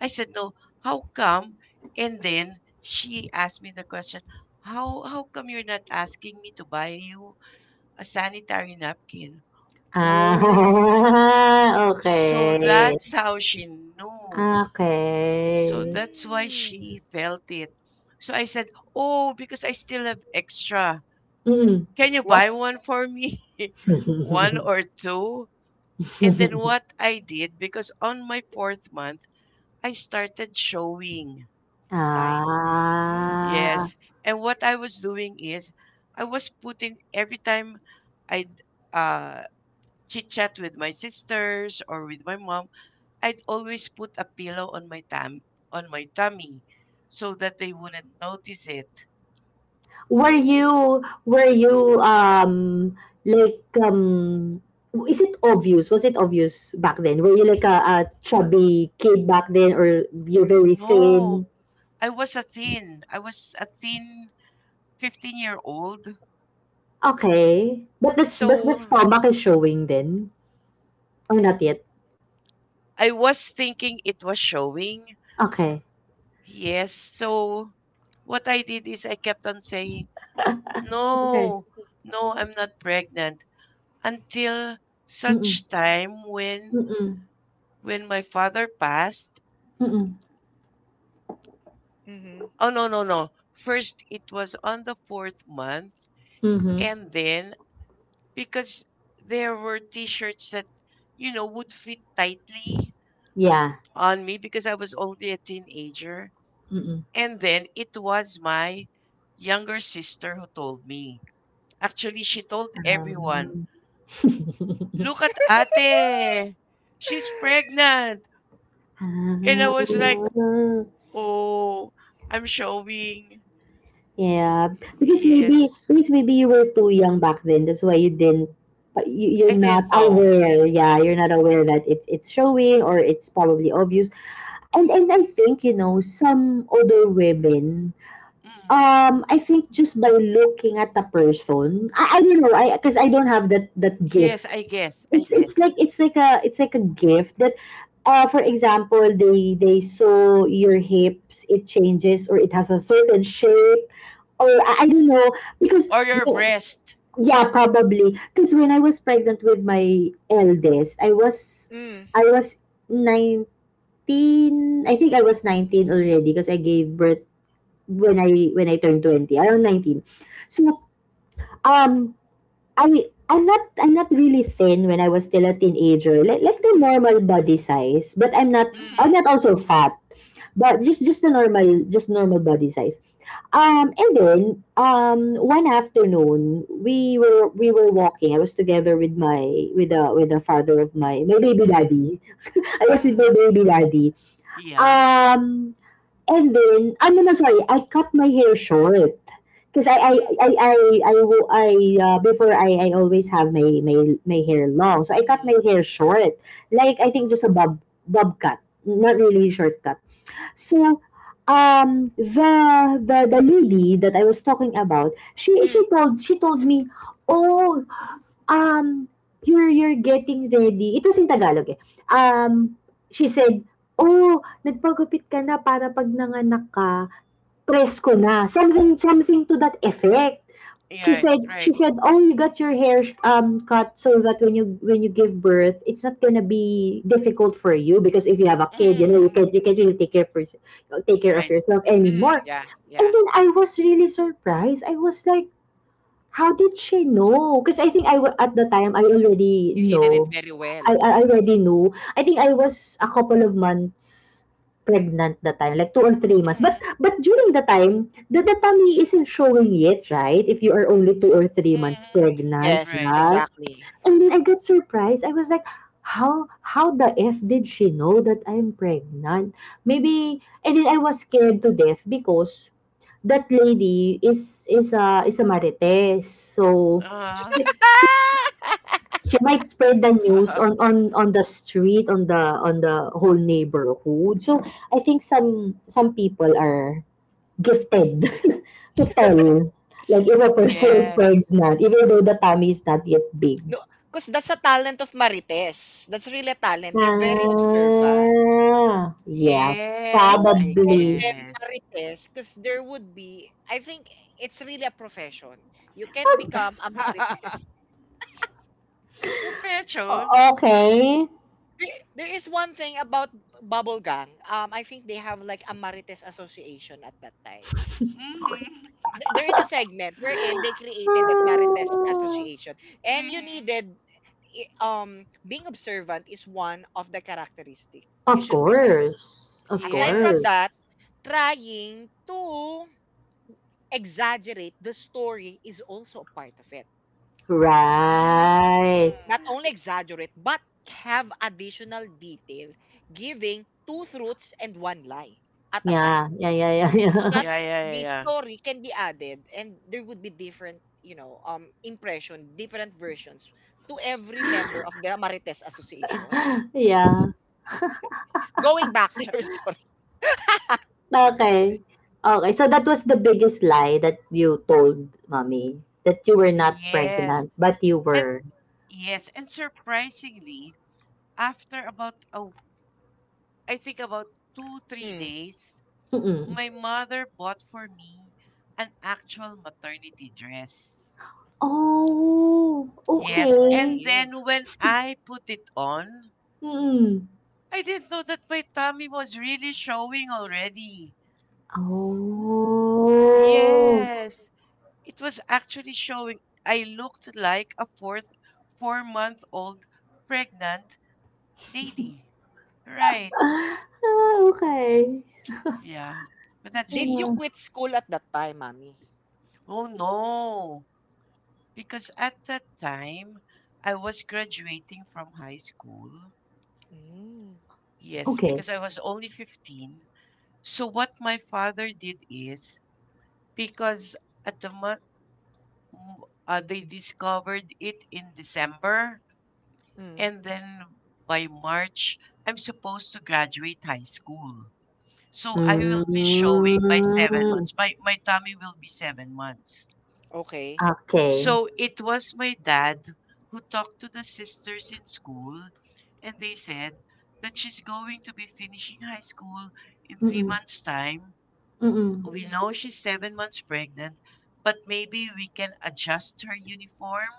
S2: I said, "No." How come? And then she asked me the question, how come you're not asking me to buy you a sanitary napkin?
S3: Ah,
S2: Oh, so
S3: okay.
S2: that's how she knew. So
S3: Okay.
S2: that's why she
S1: Mm.
S2: felt it. So I said, oh, because I still have extra.
S3: Mm.
S2: Can you
S1: Wow.
S2: buy one for me? One or two? And then what I did, because on my fourth month, I started showing.
S1: Science. Mm.
S3: ah.
S2: Yes. And what I was doing is, I was putting, every time I'd uh, chit chat with my sisters or with my mom, I'd always put a pillow on my tummy, so that they wouldn't notice it.
S3: Were
S1: Oh.
S3: you were you um like, is it obvious? Was it obvious back then? Were you like a chubby kid back then, or you're very
S2: No,
S3: thin?
S2: I was a thin. I was a thin 15-year-old.
S3: Okay. But the
S2: So
S3: stomach is showing then? Or not yet?
S2: I was thinking it was showing.
S3: Okay.
S2: Yes. So what I did is I kept on saying,
S3: Okay.
S2: no, no, I'm not pregnant, until
S3: Mm-mm.
S2: such time when
S3: Mm-mm.
S2: when my father passed.
S3: Mm-mm.
S1: Mm-hmm.
S2: Oh no, no, no. First it was on the fourth month.
S3: Mm-hmm.
S2: And then because there were t-shirts that would fit tightly
S3: Yeah.
S2: on me, because I was already a teenager.
S3: Mm-mm.
S2: And then it was my younger sister who told me. Actually, she told everyone,
S3: Um,
S2: "Look at Ate. She's pregnant." And I
S3: ah,
S2: was like, "Oh, I'm showing."
S3: yeah, because maybe
S2: Yes.
S3: you were too young back then. That's why you didn't, you,
S2: I
S3: you're not
S2: didn't know.
S3: aware. Yeah, you're not aware that it's showing, or it's probably obvious. And I think you know, some older women—
S2: Mm.
S3: um, I think just by looking at the person, I don't know, I, because I don't have that
S2: Yes,
S3: gift.
S2: I guess. I guess.
S3: It's like a gift that, for example, they— they saw your hips, it changes, or it has a certain shape, or I don't know, because—
S2: Or your breast.
S3: yeah, probably because when I was pregnant with my eldest, I was—
S1: Mm, mm,
S3: I was 19. I think I was 19 already, because I gave birth when I turned 20, around 19. So um I— I'm not really thin when I was still a teenager. Like the normal body size, but I'm not—
S1: mm,
S3: I'm not
S2: Mhm.
S3: also fat. But just the normal, just normal body size. And then one afternoon we were walking. I was together with my— with a with the father of my— my baby daddy. I was with my baby
S2: Mm-hmm.
S3: daddy.
S2: Yeah.
S3: Um And then, ano na, sorry, I cut my hair short. Because
S2: Mm-hmm.
S3: I, I, I, wo- I, Before, I always have my, my hair long. So I cut
S1: mm,
S3: my hair short. Like, I think just bob cut. Not really short cut. So, the lady that I was talking about,
S1: mm,
S3: she told me, oh, um, you're getting ready. Ito sa Tagalog eh. Um, she said, oh, nagpagupit ka na para pag nanganak ka, presko na. Something, something to that effect.
S2: Yeah, right,
S3: She
S2: right.
S3: said, oh, you got your hair cut so that when you— when you give birth, it's not gonna be difficult for you, because if you have a kid, you know, you
S2: Mm-hmm.
S3: can't— you can't really take care for— take care of
S2: Right.
S3: yourself
S1: mm.
S3: anymore.
S1: Yeah, yeah.
S3: And then I was really surprised. I was like, how did she know? Because I think at the time I already
S1: You hidden it
S3: know.
S1: very well.
S3: I already knew. I think I was a couple of months pregnant that time, like 2 or 3 months. But
S2: Mm-hmm.
S3: during the time, the tummy isn't showing yet, right? If you are only 2 or 3 months
S2: Mm-hmm.
S3: pregnant,
S1: Yes,
S2: Right.
S3: right?
S1: exactly.
S3: And then I got surprised. I was like, how— how the f did she know that I'm pregnant? Maybe— and then I was scared to death because that lady is— is a marites. So
S2: Uh,
S3: she, she might spread the news on— on the street, on the— on the whole neighborhood. So I think some people are gifted to tell, like, if a person is
S2: yes.
S3: pregnant even though the tummy is not yet big.
S1: No, because that's a talent of Marites. That's really a talent. They're very observant.
S3: Ah, yeah,
S1: You
S2: Yes,
S1: won't
S2: I
S1: call
S3: probably.
S1: them
S2: guess.
S1: marites, because there would be, I think, it's really a profession. You can't become a Marites.
S2: Profession.
S3: Ah, okay.
S1: There is one thing about Bubble Gang. I think they have like a Marites Association at that time.
S2: Mm-hmm.
S1: There is a segment wherein they created that Marites
S3: Ah.
S1: Association, and you
S2: Mm-hmm.
S1: needed being observant is one of the characteristic you
S3: Of
S1: should possess.
S3: course. Of
S1: Aside from
S3: course.
S1: that,
S2: Yes.
S1: trying to exaggerate the story is also a part of it.
S3: Right.
S1: Not
S2: Mm.
S1: only exaggerate, but have additional detail, giving two truths and one lie at a time.
S3: Yeah, yeah, yeah,
S1: So
S3: yeah,
S1: that
S2: Yeah, yeah, yeah,
S1: the
S2: yeah.
S1: story can be added and there would be different, impression, different versions to every member of the Marites Association.
S3: yeah. Yeah.
S1: Going back to your story.
S3: Okay. Okay, so that was the biggest lie that you told, mommy, that you were not
S2: Yes.
S3: pregnant, but you
S2: And
S3: were.
S2: yes, and surprisingly, after about a I think about two, three
S1: Mm.
S2: days,
S3: Mm-mm.
S2: my mother bought for me an actual maternity dress.
S3: Oh,
S2: Yes, and
S3: okay.
S1: Supportive.
S2: then when I put it on,
S3: Mm-mm.
S2: I didn't know that my tummy was really showing already.
S1: Hmm.
S3: Oh.
S2: Yes, it was actually showing. I looked like a 4 month old pregnant lady. Right.
S3: Ah, okay.
S2: Yeah, but that's
S1: Did you
S2: me.
S3: Ah,
S1: quit school at that time, mommy?
S2: Oh no. Because at that time, I was graduating from high school.
S1: Mm.
S2: Yes,
S3: okay.
S2: because I was only 15. So what my father did is, because at the month, they discovered it in December,
S1: Mm.
S2: and then by March I'm supposed to graduate high school. So I will
S3: Mm,
S2: be showing by 7 months. My tummy will be 7 months.
S1: Okay.
S3: okay.
S2: So it was my dad who talked to the sisters in school, and they said that she's going to be finishing high school in three
S3: Mm-mm.
S2: months' time.
S3: Mm-mm.
S2: We know she's 7 months pregnant, but maybe we can adjust her uniform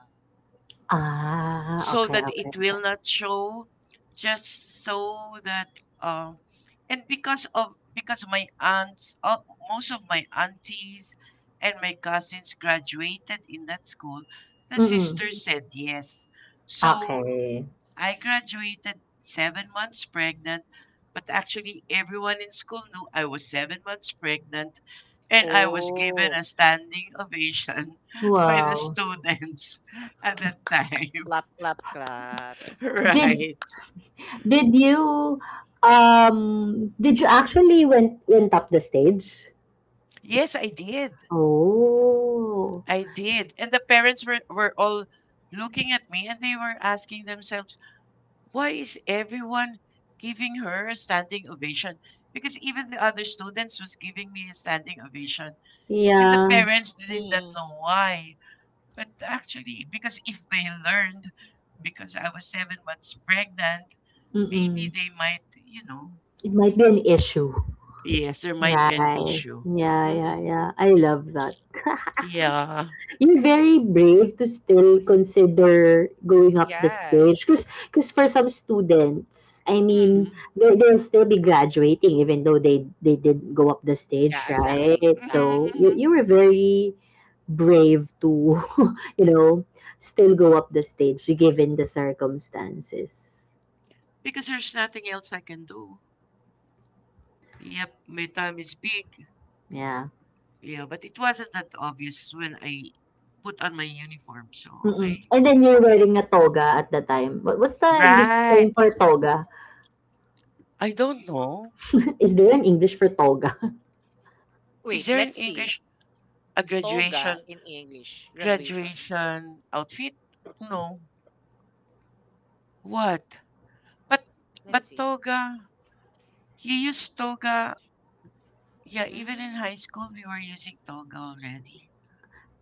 S3: Ah,
S2: so
S3: okay,
S2: that
S3: okay,
S2: it will
S3: okay.
S2: not show. Just so that, uh, and because my aunts most of my aunties and my cousins graduated in that school, the
S3: Mm-mm.
S2: sister said yes. So
S3: Okay.
S2: I graduated 7 months pregnant. But actually, everyone in school knew I was 7 months pregnant, and I was given
S1: Oh.
S2: a standing ovation by the
S3: Wow.
S2: students at that time.
S1: Clap, clap, clap.
S3: Did—
S2: Right.
S3: did you um did you actually went— went up the stage?
S2: Yes, I did.
S3: Oh.
S2: I did. And the parents were all looking at me, and they were asking themselves, why is everyone giving her a standing ovation? Because even the other students was giving me a standing ovation. And the
S3: Yeah.
S2: parents did not
S1: Mm.
S2: know why. But actually, because if they learned, because I was 7 months pregnant, maybe
S3: Mm-mm.
S2: they might, you know,
S3: It might be an issue.
S2: yes, there might be an
S1: Yes.
S3: Right.
S2: issue.
S3: Yeah,
S2: Hmm.
S3: yeah, yeah. I love that.
S2: Yeah.
S3: You're very brave to still
S1: Mm.
S3: consider going up the stage,
S1: Yes.
S3: because— because for some students, I
S2: Mhm.
S3: mean, they, they'll still be graduating even though they— they did go up the
S1: Yeah,
S3: stage, right?
S1: exactly. Exactly.
S2: Mhm,
S3: So you,
S2: mhm.
S3: you were very brave to you know, still go up the stage given the circumstances.
S2: Because there's nothing else I can do. Yep, my time is big.
S3: Yeah.
S2: Yeah, but it wasn't that obvious when I put on my uniform. So,
S3: Mm-mm.
S2: okay.
S3: And then you're wearing a toga at the time. What, what's the English term
S2: Right.
S3: for toga?
S2: I don't know.
S3: Is there an English for toga?
S2: Is
S1: Wait,
S2: there in
S1: let's see.
S2: English a graduation
S1: Toga in English. Graduation.
S2: graduation outfit? No. What? But but
S1: Let's see.
S2: toga. You use toga. Yeah, even in
S1: Mm.
S2: high school we were using toga already.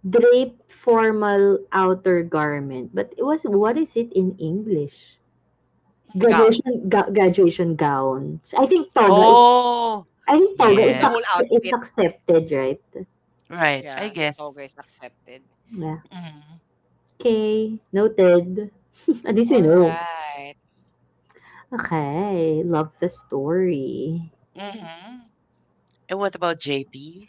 S3: Drape formal outer garment. But it was— what is it in English?
S2: Hmm.
S1: Gown.
S3: Graduation gowns. I think toga is—
S2: Oh,
S3: I think toga is
S1: The whole
S2: yes.
S3: is
S1: outfit.
S3: accepted, right?
S2: Right. I
S1: Yeah.
S2: guess.
S1: Toga is accepted.
S3: Yeah.
S2: Mm-hmm.
S3: Okay, noted. At least we
S1: All
S3: know.
S1: right.
S3: Okay, love the story.
S2: Mm-hmm. And what about JP?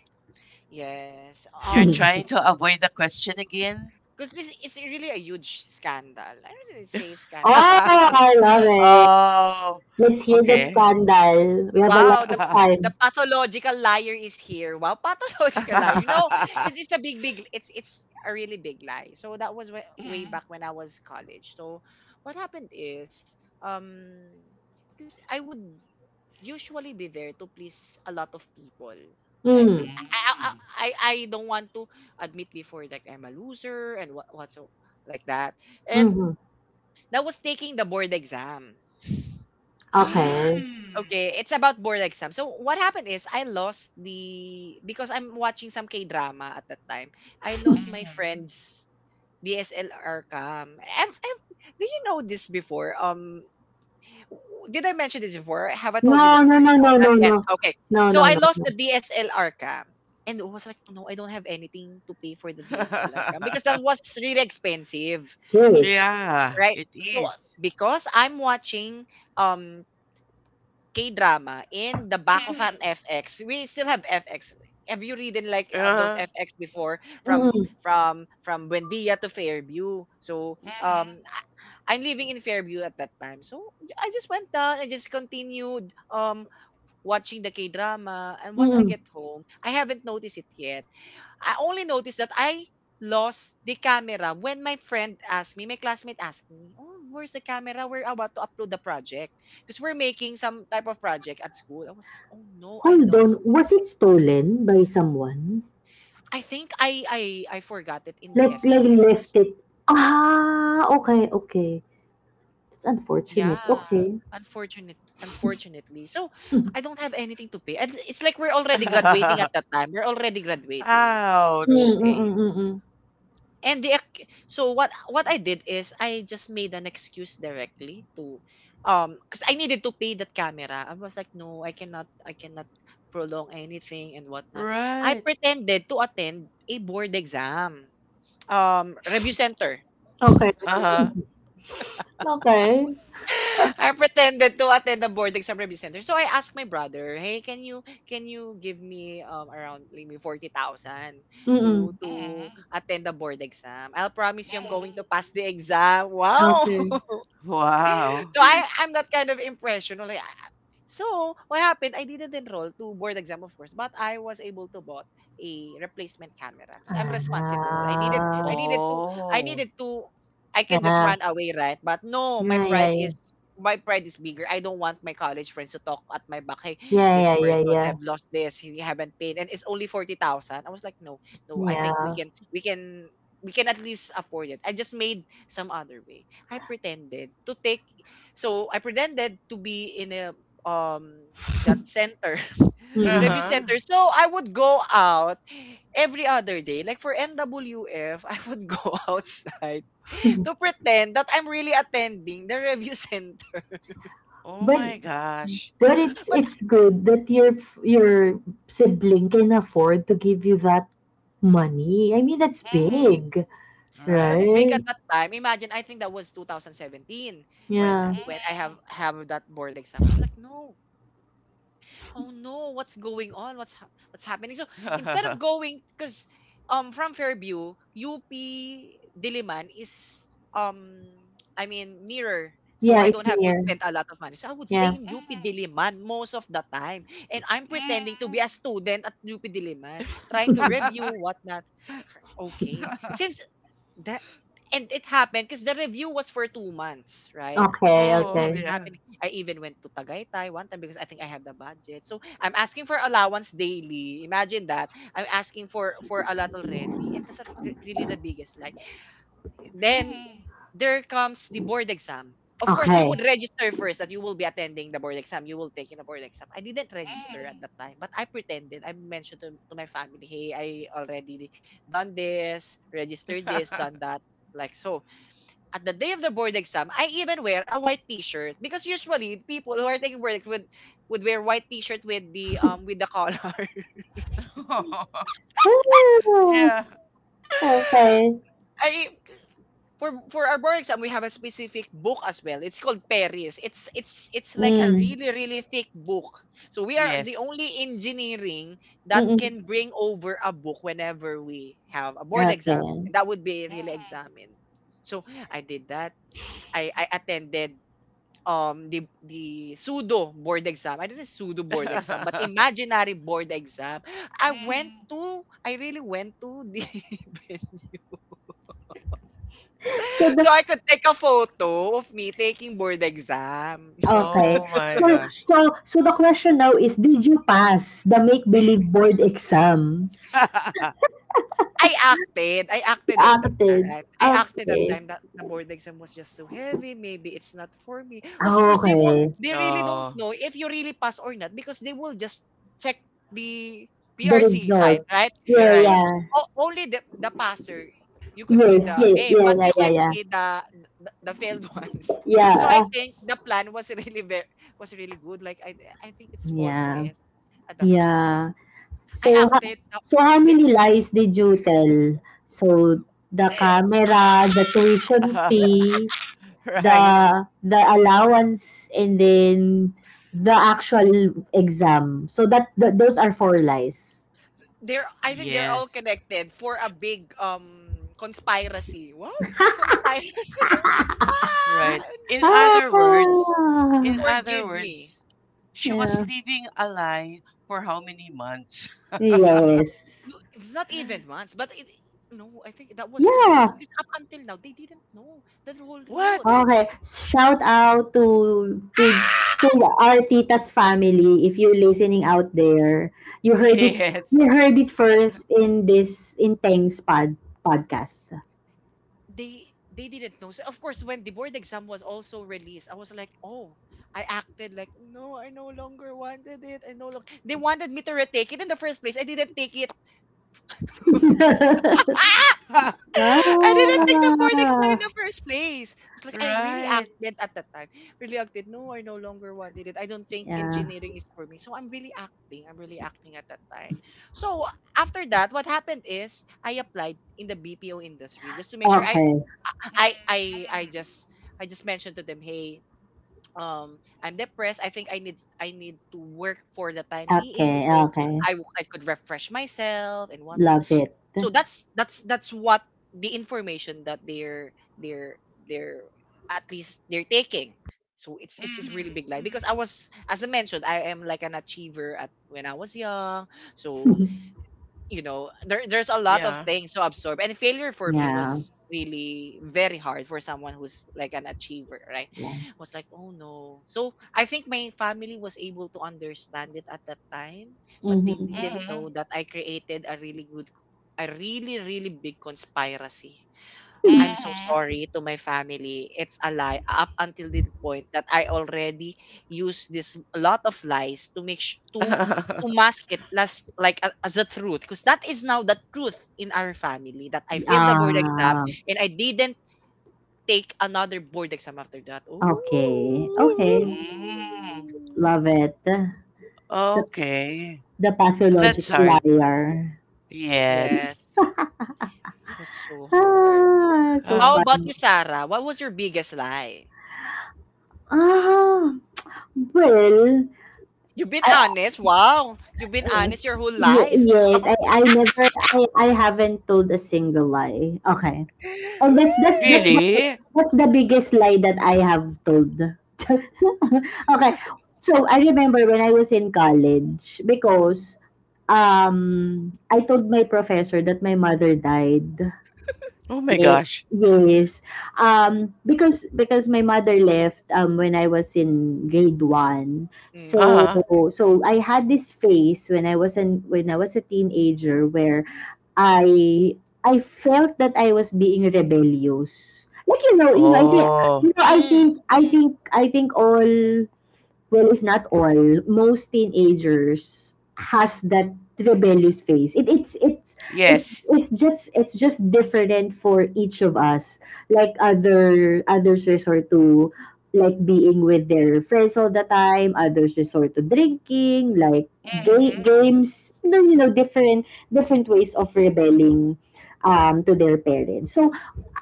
S1: Yes.
S2: You're trying to avoid the question again?
S1: Because this it's really a huge scandal. I don't really say scandal,
S3: Oh,
S1: but this is
S3: I love it.
S2: Oh,
S3: Let's hear the
S2: okay.
S3: scandal. We have a lot
S1: wow,
S3: of
S1: the
S3: time.
S1: the pathological liar is here. Wow, pathological liar. It's a big, big. It's a really big lie. So that was way, way back when I was college. So what happened is, um, because I would usually be there to please a lot of people. Like
S3: Mm,
S1: I I I,
S2: Mm,
S1: I don't want to admit before that I'm a loser and what so like that. And
S3: mm-hmm.
S1: that was taking the board exam.
S3: Okay.
S2: mm,
S1: Okay, it's about board exam. So what happened is I lost the because I'm watching some K-drama at that time. I lost my
S2: mm,
S1: friend's DSLR cam. Have Do you know this before? Did I mention this before? Have I told you the
S3: No, no,
S1: story?
S3: no,
S1: No,
S3: no,
S1: not
S3: no,
S1: yet.
S3: no.
S1: Okay.
S3: No,
S1: So
S3: no,
S1: I
S3: no,
S1: lost
S3: no.
S1: the DSLR cam. And I was like, oh no, I don't have anything to pay for the DSLR cam because
S2: mhm.
S1: that was really expensive.
S3: Yes.
S2: Yeah,
S1: Right?
S2: it
S1: So,
S2: is.
S1: because I'm watching um K-drama in the back
S2: Mm-hmm.
S1: of an FX. We still have FX. Have you read in like those
S2: Uh,
S1: FX before from
S3: Mm-mm.
S1: from Buendia to Fairview? So, I'm living in Fairview at that time. So I just went down and just continued watching the K drama. And once I
S3: Mm-mm.
S1: get home, I haven't noticed it yet. I only noticed that I lost the camera when my friend asked me, my classmate asked me, "Oh, where's the camera? We're about to upload the project because we're making some type of project at school." I was like, "Oh no, I
S3: Hold on.
S1: lost it.
S3: Was it stolen by someone?
S1: I think I forgot it in the
S3: Like left
S1: FX."
S3: it? Ah, okay, okay. That's unfortunate.
S1: Yeah.
S3: Okay.
S1: Unfortunately. So I don't have anything to pay. And it's like we're already graduating
S2: mm-hmm.
S1: at that time. We're already graduating.
S3: Mm,
S2: Ouch.
S3: mm,
S1: Okay.
S3: mm, mm, mm.
S1: So what I did is I just made an excuse directly to, because I needed to pay that camera. I was like, no, I cannot prolong anything and whatnot. I
S2: Right.
S1: pretended to attend a board exam review center.
S3: Okay.
S2: Uh-huh.
S3: Okay.
S1: I pretended to attend the boarding exam review center. So I asked my brother, "Hey, can you give me around like, maybe 40,000 to
S3: Mm-mm.
S1: to
S2: Mm-hmm.
S1: attend the board exam? I'll promise you I'm going to pass
S2: Mm-hmm.
S1: the exam." Wow.
S3: Okay.
S2: Wow.
S1: So I'm that kind of impression. Like, So what happened? I didn't enroll to board exam, of course, but I was able to bought a replacement camera because I'm responsible. I
S3: Ah.
S1: needed to I
S2: Oh.
S1: needed to I can just
S3: Yeah.
S1: run away, right? But no, my
S3: Yeah, yeah,
S1: pride
S3: yeah.
S1: is my pride is bigger. I don't want my college friends to talk at my back. Hey,
S3: Yeah,
S1: this
S3: yeah, yeah,
S1: person
S3: yeah.
S1: have lost this. He haven't paid, and it's only 40,000. I was like, no, no. I think
S3: Yeah.
S1: we can at least afford it. I just made some other way. I pretended to take so I pretended to be in a, um that center
S3: Mm-mm.
S1: review
S2: Uh-huh.
S1: center. So I would go out every other day. Like for MWF, I would go outside to pretend that I'm really attending the review center.
S2: Oh
S3: But—
S2: my gosh.
S3: well, it's—
S1: But
S3: it's good that your your sibling can afford to give you that money. I mean, that's big,
S2: Mm-hmm. Right.
S1: that's big
S3: right?
S1: at that time. Imagine, I think that was 2017 when
S3: Yeah.
S1: I
S2: Mm-hmm.
S1: have that board exam. I was like, no, oh no, what's going on, what's happening. So instead of going because, from Fairview, UP Diliman is, um I mean, nearer. So
S3: Yeah,
S1: I
S3: it's
S1: don't have to
S3: near.
S1: spend a lot of money, so I would stay
S3: Yeah.
S1: in UP Diliman most of the time and I'm pretending to
S2: Mm-hmm.
S1: be a student at UP Diliman, trying to review
S2: Mm-hmm.
S1: whatnot. Okay, since that, and it happened because the review was for 2 months, right?
S3: Okay,
S2: Oh
S1: I've
S3: okay.
S1: been
S2: yeah.
S1: happening. I even went to Tagaytay one time because I think I have the budget. So I'm asking for allowance daily. Imagine that. I'm asking for a lot already, and that's really the biggest lie. Then
S2: Mm-hmm.
S1: there comes the board exam. Of course, you
S3: Okay.
S1: would
S2: Mm-hmm.
S1: register first that you will be attending the board exam. You will take in a board exam. I didn't register at that time, but I pretended. I mentioned to my family, hey, I already done this, registered this, done that. Like so, at the day of the board exam, I even wear a white T-shirt because usually people who are taking would wear white T-shirt with the color.
S2: Mm-hmm.
S3: Ah,
S2: Yeah.
S3: okay.
S1: I For our board exam we have a specific book as well. It's called Paris. It's like a
S3: Mm.
S1: really, really thick book. So we are the
S2: Yes.
S1: only engineering that
S3: Mm-mm.
S1: can bring over a book whenever we have a board exam
S3: Okay.
S1: that would be really
S2: Mm-hmm.
S1: examined. So I did that. I attended, the pseudo board exam. I didn't pseudo board exam but imaginary board exam.
S2: Mm-hmm.
S1: I really went to the
S3: So the
S1: So I could take a photo of me taking board exam.
S3: okay.
S2: Oh my gosh.
S3: So the question now is, did you pass the make believe board exam?
S1: I acted, I
S3: You
S1: acted at that
S3: acted.
S1: time. I acted that
S3: Okay.
S1: time that the board exam was just so heavy. Maybe it's not for me. Of
S3: Ah,
S1: course, they won't.
S3: okay.
S1: They really don't
S2: Oh,
S1: know if you really pass or not because they will just check the
S3: The
S1: PRC site,
S3: result.
S1: right?
S2: you're
S3: Yeah,
S2: right.
S1: Because
S3: yeah.
S1: only the passer, you could see
S3: Yes,
S1: the
S3: yeah,
S1: name,
S3: yeah,
S1: but
S3: yeah,
S1: you
S3: yeah,
S1: can
S3: yeah.
S1: see the failed ones.
S3: Yeah,
S1: So I
S3: ah,
S1: think the plan was was really good. Like I think it's
S3: yeah,
S1: faultless at that time. So
S3: yeah.
S1: I
S3: So, ha-
S1: acted.
S3: so how
S1: The
S3: many lies did you tell? So, the camera, the tuition fee,
S2: Right.
S3: the allowance, and then the actual exam. So that those are four lies.
S1: They're I think they're all
S2: Yes.
S1: connected for a big, conspiracy. Wow! Conspiracy. Ah!
S2: Right. In
S3: Ah,
S2: other words, in other
S1: Forgive me.
S2: words, she was
S3: yeah.
S2: living a lie for how many months?
S1: No,
S3: Yes.
S1: it's not even once, but it no, I think that was for
S3: Yeah.
S1: years because up until now they didn't know the whole
S2: What?
S1: truth.
S3: Okay, shout out to
S1: Ah!
S3: our tita's family if you're listening out there. You heard it—
S2: Yes.
S3: you heard it first in this— in Teng's podcast.
S1: They didn't know. So of course, when the board exam was also released, I was like, oh, I acted like no, I no longer wanted it. I no longer they wanted me to retake it in the first place. I didn't take it.
S2: Right.
S1: I didn't take the board exam in
S3: ah,
S1: the first place. I was like, I really acted at that time. Really acted. No, I no longer wanted it. I don't think
S3: yeah.
S1: engineering is for me. So I'm really acting. I'm really acting at that time. So after that, what happened is I applied in the BPO industry just to make sure
S3: Okay.
S1: I I I
S2: Mm-hmm.
S1: just I just mentioned to them, hey, I'm depressed. I think I need to work for the time being.
S3: Okay.
S1: So
S3: Okay.
S1: I could refresh myself and whatnot.
S3: Love it.
S1: So that's what the information that they're they're at least they're taking. So it's really
S2: Mm-hmm.
S1: big lie because
S2: Mm-hmm.
S1: I was, as I mentioned, I am like an achiever at when I was young. So there's a lot of
S2: Yeah.
S1: things to absorb, and failure for me
S3: yeah.
S2: Mm-hmm.
S1: was really very hard for someone who's like an achiever, right?
S3: Yeah.
S1: Was like, oh no, so I think my family was able to understand it at that time, but they
S3: Mm-hmm.
S1: didn't
S2: Mm-hmm.
S1: know that I created a really, really big conspiracy. I'm so sorry to my family. It's a lie up until the point that I already use this lot of lies to make sh- to
S2: Mm-hmm.
S1: mask it last like as a truth, because that is now the truth in our family that I failed the board exam
S3: Ah,
S1: and I didn't take another board exam after that. Ooh.
S3: okay. Okay.
S2: Mm.
S3: Love it. The—
S2: Okay.
S3: the
S2: That's
S3: pathological
S2: hard.
S3: liar.
S2: Yes.
S1: Yes, it was so hard.
S3: Ah, so
S2: Uh,
S1: How about you,
S3: funny.
S1: Sarah? What was your biggest lie?
S3: Ah, well,
S1: You've been
S3: I,
S1: honest. Wow. You've been
S3: I
S1: honest your whole life.
S3: yes, I never, I haven't told a single lie. Okay, and
S1: Woo!
S3: that's the—
S2: really?
S3: that's the biggest lie that I have told. okay, so I remember when I was in college because I told my professor that my mother died.
S2: Oh my
S3: Ye-
S2: gosh.
S3: Yes. Because my mother left when I was in grade one.
S2: Uh
S1: Mm.
S3: So
S2: huh.
S3: I had this phase when I was an when I was a teenager where I I felt that I was being rebellious. Like, you know, I think—
S2: Oh.
S3: I
S1: Mm. Mm.
S3: think— I think all— well, if not all, most teenagers has that rebellious phase. It
S2: Yes.
S3: it's just— it's just different for each of us. Like other— others resort to like being with their friends all the time. Others resort to drinking, like
S2: Mhm.
S3: games. Then, you know, different ways of rebelling to their parents. So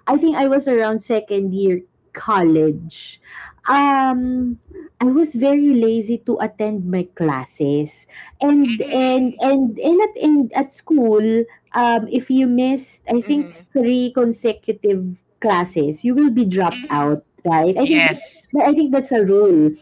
S3: I think I was around second year college. Um, I was very lazy to attend my classes. And and
S2: Mhm.
S3: and and at school, if you missed, I think,
S1: Mhm.
S3: three consecutive classes, you will be dropped
S2: Mhm.
S3: out, right?
S2: Yes.
S3: I think that's a rule.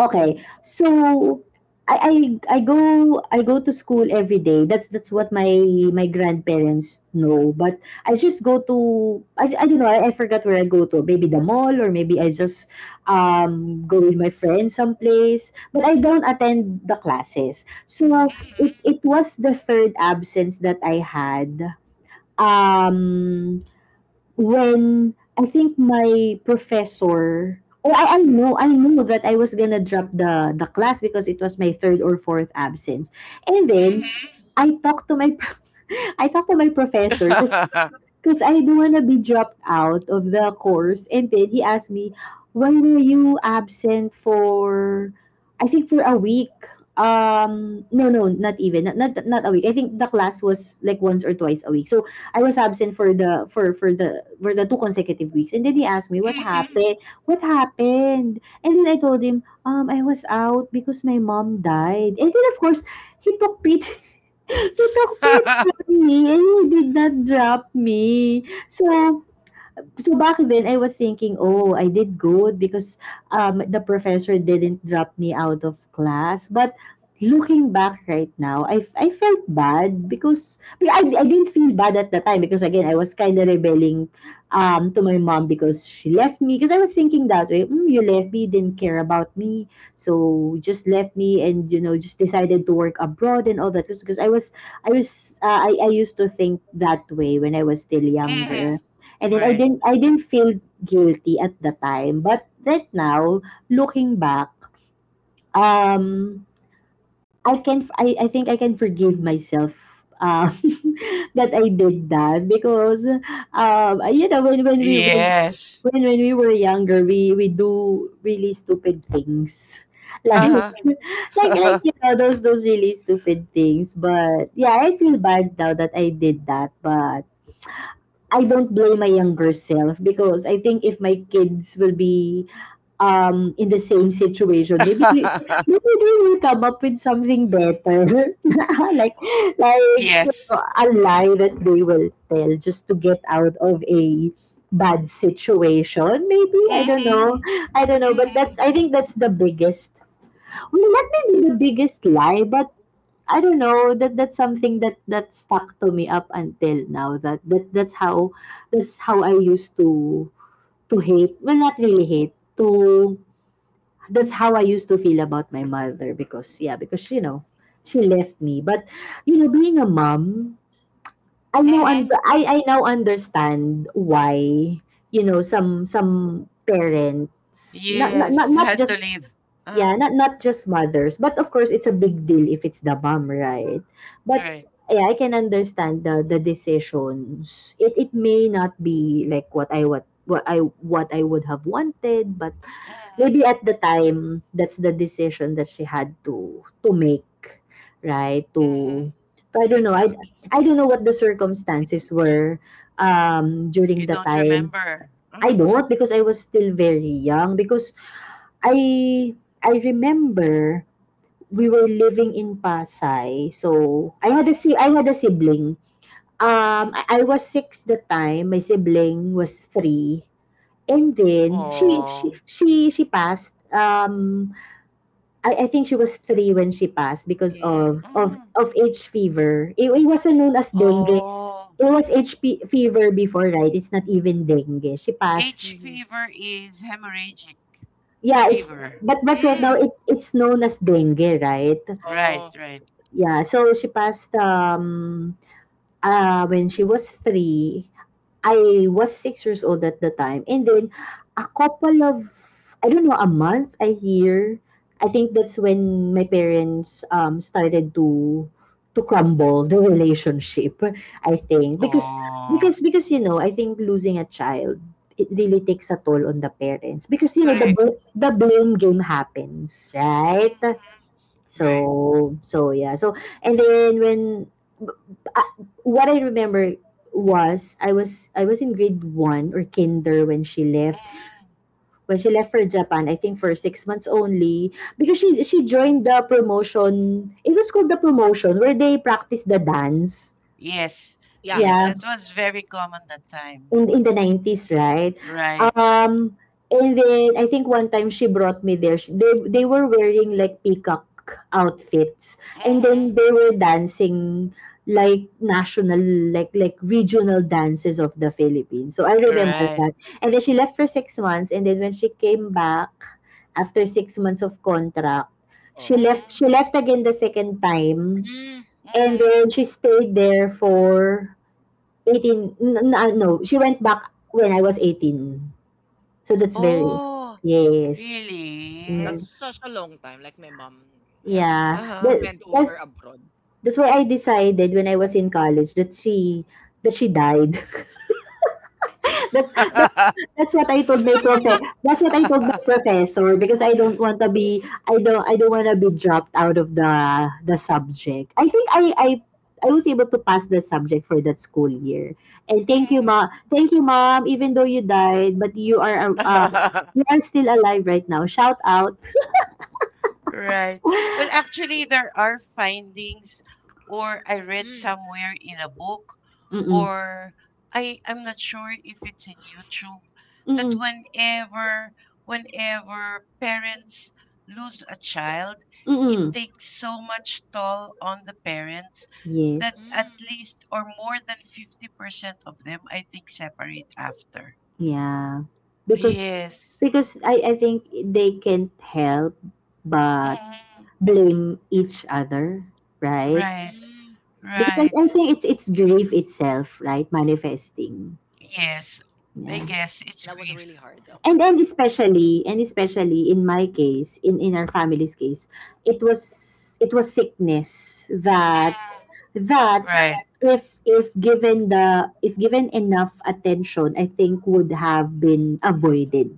S3: Okay. So I I I go to school every day. That's what my grandparents know. But I just go to I don't know. I forgot where I go to. Maybe the mall, or maybe I just go with my friends someplace. But I don't attend the classes. So it was the third absence that I had. Um when I think my professor oh I know I knew that I was gonna drop the class because it was my third or fourth absence. And
S2: Mhm.
S3: then I talked to my I talked to my professor because I don't wanna be dropped out of the course. And then he asked me, why were you absent for, I think, for a week? No Not even not, not not a week. I think the class was like once or twice a week. So I was absent for the 2 consecutive weeks. And then he asked me, what
S2: Mhm.
S3: happened? What happened? And then I told him, I was out because my mom died. And then, of course, he took pity he took pity on me, and he did not drop me. So, back then, I was thinking, oh, I did good because the professor didn't drop me out of class. But looking back right now, I felt bad because I didn't feel bad at the time because, again, I was kind of rebelling to my mom because she left me. Because I was thinking that way, you left me, didn't care about me. So you just left me and, just decided to work abroad and all that. Because I used to think that way when I was still
S2: Mhm.
S3: younger. And then I
S2: Right.
S3: didn't I didn't feel guilty at the time, but right now, looking back, um I think I can forgive myself that I did that because you know, when when we when
S2: Yes.
S3: when, when we were younger, we do really stupid things like
S2: Uh-huh.
S3: you know, those really stupid things. But yeah, I feel bad now that I did that, but I don't blame my younger self because I think if my kids will be in the same situation, maybe they will come up with something better, like like
S2: Yes.
S3: a lie that they will tell just to get out of a bad situation. Maybe, I don't
S2: Mhm.
S3: know, but
S2: Mhm.
S3: that's I think that's the biggest. Well, not maybe the biggest lie, but I don't know, that that's something that stuck to me up until now, that, that's how I used to— hate— well, not really hate— to— that's how I used to feel about my mother. Because, yeah, because, you know, she left me. But you know, being a mom, I know, and
S2: Mhm.
S3: I now understand why, you know, some parents— not not not,
S2: Yes.
S3: not
S2: Had to
S3: just—
S2: leave. Uh-huh.
S3: yeah, not just mothers. But of course it's a big deal if it's the mom, right? But
S2: Right.
S3: yeah, I can understand the decisions. It may not be like what I would have wanted. But
S2: Mhm.
S3: maybe at the time, that's the decision that she had to make, right?
S2: Mhm.
S3: To I don't know.
S1: Exact.
S3: I don't know what the circumstances were during
S2: You
S3: the
S2: don't
S3: time.
S2: remember.
S3: I
S2: Uh-huh.
S3: don't, because I was still very young. Because I I remember we were living in Pasay. So I had
S2: Mhm.
S3: I had a sibling. Um
S2: Mhm.
S3: I, I was six the time, my sibling was three. And then she she
S2: Oh.
S3: she she passed. I think she was three when she passed because
S1: Mm.
S2: Mhm.
S3: of H fever. It wasn't known as dengue.
S2: Oh.
S3: It was HP fever before, right? It's not even dengue. She passed.
S2: H
S1: Mhm.
S2: fever is hemorrhagic
S3: Yeah, it's.
S2: fever.
S3: But right now
S2: Mm,
S1: Mm.
S3: it's known as dengue, right?
S2: right,
S1: Oh,
S2: right.
S3: Yeah, so she passed, when she was three, I was 6 years old at the time. And then, a couple of— I don't know, a month, a year— I think that's when my parents started to crumble the relationship, I think. Because,
S2: Oh,
S3: you know, I think losing a child, it really takes a toll on the parents. Because, you know,
S2: correct.
S1: yeah.
S3: the blame game happens, right?
S2: Mhm, right.
S3: So, yeah. So, and then when— b- b- ah, what I remember was, I was in grade one or kinder when she left.
S2: Mm.
S3: When she left for Japan, I think for 6 months only, because she joined the promotion. It was called the promotion where they practice the dance.
S2: Yes,
S1: Yeah,
S3: Yeah.
S2: yes,
S1: a
S2: that
S1: lot of.
S2: was very common that time.
S3: In the 90s, right?
S2: Right.
S3: Um, and then I think one time she brought me there. They were wearing like peacock outfits, and
S2: Mhm,
S3: then they were dancing like national, regional dances of the Philippines. So I remember
S2: right.
S3: that. And then she left for 6 months, and then when she came back after 6 months of contract, she
S1: Oh.
S3: left. She
S2: Mhm,
S3: left again the second time,
S1: Mm.
S3: and then she
S2: mhm.
S3: stayed there for no, she went back when I was 18. So that's very—
S2: Oh,
S3: yes.
S2: really?
S3: Mm,
S1: That's such a long time. Like my mom have
S3: yeah.
S2: Uh-huh.
S1: spent over abroad.
S3: That's why I decided when I was in college that she died. That's that's that's what I told my profe. That's what I told my professor because I don't want to be dropped out of the subject. I think I was able to pass the subject for that school year. And thank you, mom. Thank you, mom. Even though you died, but
S2: Mhm.
S3: you are still alive right now. Shout out.
S2: Right. Well, actually, there are findings, or I read
S1: Mm.
S2: somewhere in a book,
S3: Mm-mm.
S2: or I'm not sure if it's in YouTube, that
S3: Mm-mm.
S2: whenever parents lose a child, it
S3: Mm-mm.
S2: takes so much toll on the parents that
S3: Yes.
S2: at
S1: Mm.
S2: least, or more than 50% of them, I think, separate after.
S3: Yeah. Because
S2: Yes.
S3: because I think they can't help but
S2: Mm,
S3: blame each other, right?
S2: right.
S1: Mm.
S3: Because I,
S2: Right.
S3: I think it's grief itself, right? Manifesting.
S2: Yes, I
S3: Yeah.
S1: That
S2: guess
S1: was
S2: it's
S1: really hard
S2: grief.
S1: though. 'Cause.
S3: And especially in my case, in our family's case, it was sickness that—
S2: Mm,
S3: that,
S2: right,
S3: if given enough attention, I think, would have been avoided.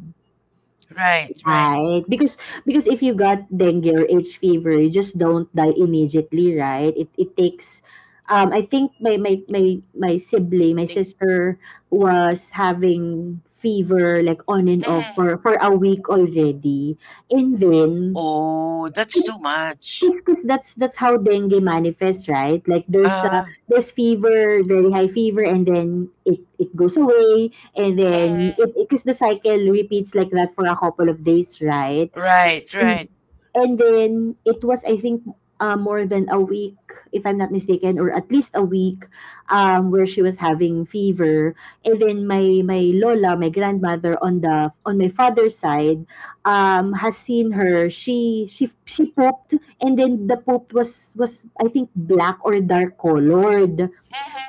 S2: right, right.
S3: Right. Because if you got dengue or H fever, you just don't die immediately, right? It takes— I think my sibling, my
S1: Days.
S3: sister was having fever like on and off
S2: Mm.
S3: for a week already. And then,
S2: Oh, that's too much.
S3: because that's how dengue manifests, right?
S2: Uh,
S3: There's fever, very high fever, and then it goes away, and then
S2: mm,
S3: it, because, the cycle repeats like that for a couple of days, right?
S2: right,
S3: Mm,
S2: right.
S3: and then it was, I think, more than a week, if I'm not mistaken, or at least a week, where she was having fever. And then my lola, my grandmother on the on my father's side, has seen her. She pooped, and then the poop was, I think, black or dark colored.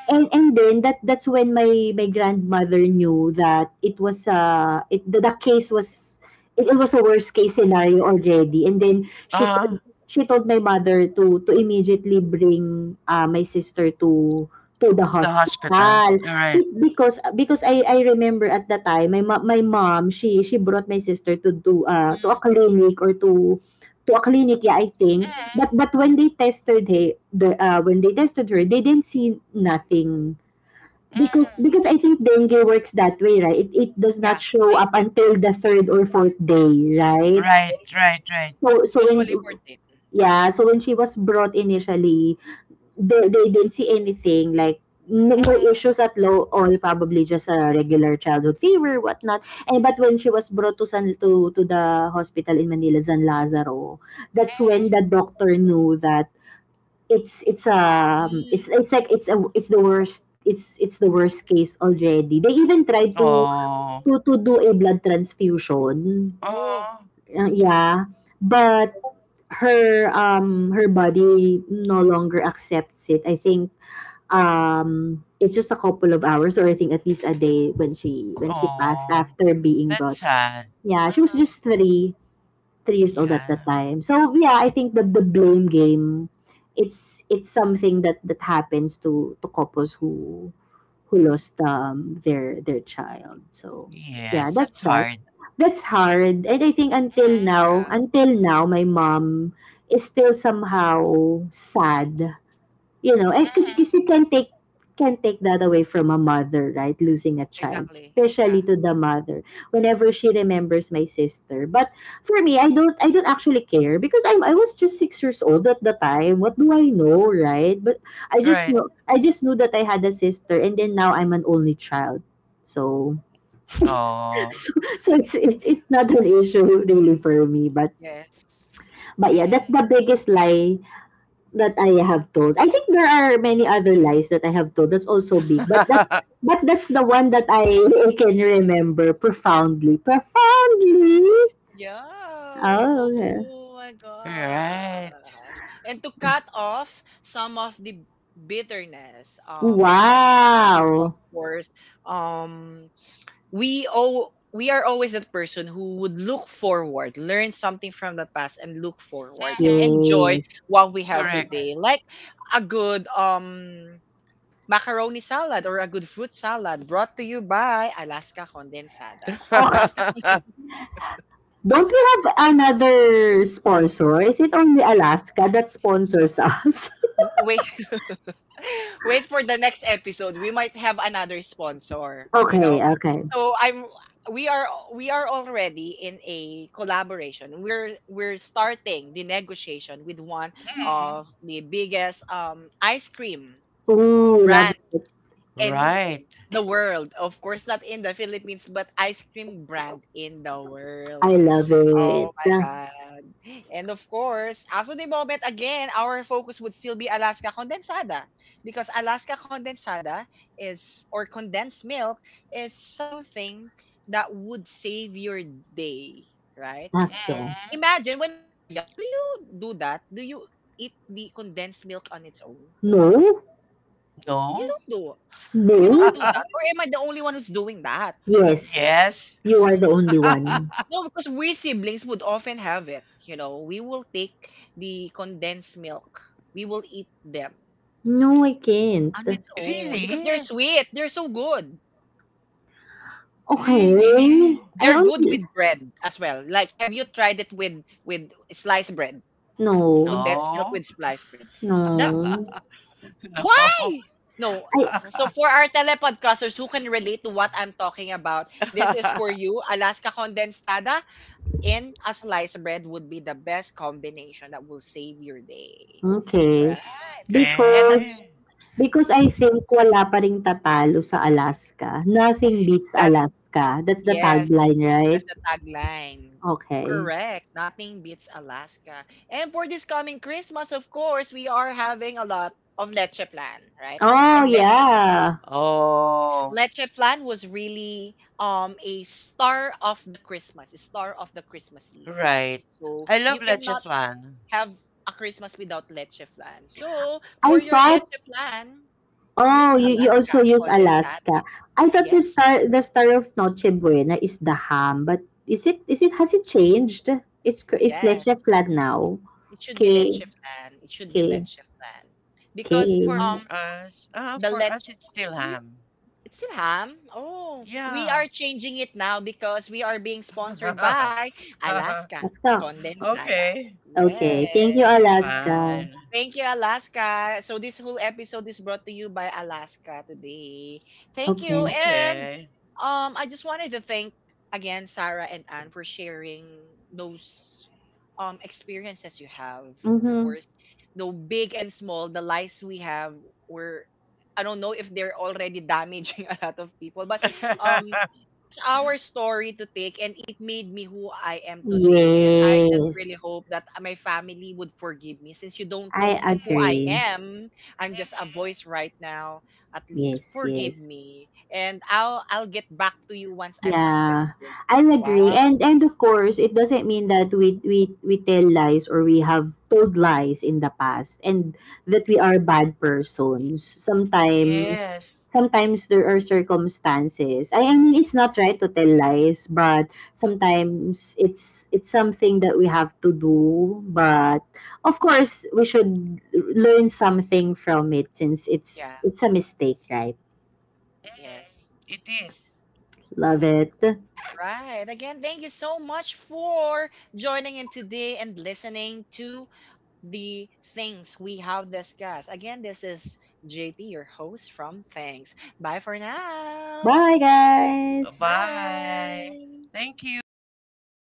S3: And then that's when my grandmother knew that it was— the case was— it was a worst case scenario already. And then
S2: Mm, to
S3: she told my mother to immediately bring my sister to the
S2: the
S3: hospital.
S2: hospital. Right.
S3: Be- because I remember at the time, my mom she brought my sister to a
S1: Mm.
S3: clinic, or to a clinic, yeah, I think.
S2: Mm,
S3: But when they tested her, they didn't see nothing, because
S2: mm,
S3: I think dengue works that way, right? It does not
S1: Yeah,
S3: show up
S1: platelet.
S3: until the third or fourth day, right?
S2: right, right, right.
S3: So so when
S1: Usually 14.
S3: Yeah, so when she was brought initially, they didn't see anything, like, no, no
S2: Mm,
S3: issues at low all, probably just a regular childhood fever whatnot. And but when she was brought to San to the hospital in Manila, San Lazaro, that's when the doctor knew that
S1: Mm.
S3: it's the worst— it's the worst case already. They even tried
S2: mm. Oh,
S3: to do a blood transfusion.
S1: Oh.
S2: oh,
S3: Yeah, but her body no longer accepts it, I think. It's just a couple of hours, or, I think, at least a day when she passed
S2: oh.
S3: after being
S2: That's
S3: brought.
S2: sad.
S3: Yeah,
S2: Uh,
S3: she was just three years old at that
S2: yeah,
S3: time. So yeah, I think the blame game, it's something that happens to couples who lost their child. So yeah,
S2: yes,
S3: that's
S2: that's
S3: sad.
S2: hard.
S3: That's hard. And I think, until
S2: Mm,
S3: now,
S1: Yeah,
S3: my mom is still somehow sad, you know, because
S2: mm.
S3: you can take— that away from a mother, right? Losing a child,
S1: exactly. Yeah.
S3: especially to the mother, whenever she remembers my sister. But for me, I don't actually care, because I was just 6 years old at the time. What do I know, right? But
S2: Right.
S3: I just knew that I had a sister, and then now I'm an only child. So
S2: Oh.
S3: so, it's not an issue really for me, but
S1: Yes.
S3: yeah, that's
S2: Mm.
S3: the biggest lie that I have told. I think there are many other lies that I have told that's also big, but that's the one that I can remember profoundly. Profoundly.
S1: Yes.
S3: Oh, okay.
S1: Oh my
S2: Right.
S1: gosh. And to cut off some of the bitterness, about the past, of
S3: Wow.
S1: course, um we are always that person who would look forward, learn something from the past and look forward and
S2: Mhm.
S1: enjoy
S3: Yes.
S1: what we have
S2: Correct.
S1: today. Like a good, macaroni salad or a good fruit salad brought to you by Alaska Condensada.
S3: Oh,
S1: Alaska
S3: don't we have another sponsor? Is it only Alaska that sponsors us?
S1: we Wait for the next episode. We might have another sponsor, you
S3: Okay,
S1: know.
S3: okay.
S1: So I'm we are we are already in a collaboration. We're starting the negotiation with one
S2: Mm.
S1: of the biggest, ice cream
S3: Ooh, love
S1: brand
S3: it.
S1: in
S2: Right.
S1: the world. Of course not in the Philippines, but ice cream brand in the world.
S3: I love it.
S1: Oh my God. And of course, as of the moment, again, our focus would still be Alaska Condensada because Alaska Condensada is, or condensed milk, is something that would save your day, right?
S3: Okay.
S1: So
S2: Mm.
S1: imagine when we were young, do you do that? Do you eat the condensed milk on its own?
S3: No,
S1: You
S2: No.
S1: don't do You don't do
S3: no.
S1: that. Or am I the only one who's doing that?
S3: Yes,
S2: Yes.
S3: you are the only one.
S1: No, because we siblings would often have it. We will take the condensed milk. We will eat them
S3: No, I can't.
S1: on its own because
S2: Really?
S1: they're sweet. They're so good.
S3: Okay,
S2: Really?
S3: I
S1: They're good
S3: only—
S1: with bread as well. Like, have you tried it with with sliced bread?
S3: no,
S1: Condensed milk
S2: No.
S1: with sliced bread. That's
S3: no.
S1: why.
S2: No.
S1: No.
S3: I—
S1: So for our telepodcasters who can relate to what I'm talking about, this is for you, Alaska Condensada. In a slice bread would be the best combination that will save your day.
S3: okay,
S1: Right? And,
S2: Okay.
S3: because I think wala pa ring tatalo sa Alaska. Nothing beats
S1: that
S3: Alaska. That's the
S1: yes,
S3: tagline, right?
S1: that's the tagline.
S3: Okay.
S1: Correct. Nothing beats Alaska. And for this coming Christmas, of course, we are having a lot of leche plan, right?
S3: Oh
S1: And leche
S3: yeah.
S2: Oh,
S1: leche plan was really, a star of the Christmas, a star of the Christmas Eve.
S2: right.
S1: So
S2: I
S1: you
S2: love leche
S1: cannot
S2: flan.
S1: have a Christmas without leche plan. So
S3: I
S1: for your
S3: thought
S1: leche plan.
S3: Oh,
S1: Use
S3: you
S1: Alaska
S3: also use
S1: condensada.
S3: Alaska. I thought
S1: Yes,
S3: the star of Noche Buena is the ham, but is it— has it changed? It's
S1: yes.
S3: Leche flag now.
S1: It should be
S3: Okay,
S1: leche flan. It should be
S3: okay,
S1: leche flan. Because,
S2: For
S3: okay.
S1: um
S2: us, uh,
S1: the
S2: for
S1: leche
S2: us, it's still
S1: we,
S2: ham.
S1: it's still ham. Oh, we
S2: Yeah.
S1: are changing it now because we are being sponsored by Alaska
S3: Let's go.
S1: condensada.
S2: Okay.
S3: Okay, thank
S1: Yes.
S3: you, Alaska.
S2: Fine.
S1: Thank you, Alaska. So this whole episode is brought to you by Alaska today. Thank you.
S3: Okay.
S1: And,
S2: Okay.
S1: I just wanted to thank again Sarah and Anne for sharing those, experiences you have. Of
S3: Mm-hmm.
S1: course, the big and small, the lies we have were, I don't know if they're already damaging a lot of people, but, um that's our story to take, and it made me who I am today, and I just really
S3: Yes,
S1: hope that my family would forgive me. Since you don't know
S3: I
S1: who I
S3: agree.
S1: am, I'm just a voice
S2: Mm-hmm.
S1: right now. At least
S3: Yes,
S1: forgive
S3: yes.
S1: me, and I'll get back to you once I'm
S3: Yeah,
S1: successful.
S3: I'll
S1: Wow.
S3: agree. And of course, it doesn't mean that we tell lies, or we have told lies in the past, and that we are bad persons.
S2: Yes.
S3: Sometimes there are circumstances. I mean, it's not right to tell lies, but sometimes it's something that we have to do. But of course, we should learn something from it since
S1: Yeah.
S3: it's a mistake, right?
S2: Mm-hmm.
S1: Yes.
S2: It is.
S3: Love it.
S1: Right, again thank you so much for joining in today and listening to the things we have discussed. Again, this is JP, your host from Thanks. Bye for now.
S3: Bye, guys.
S2: Bye.
S1: Bye.
S2: Thank you.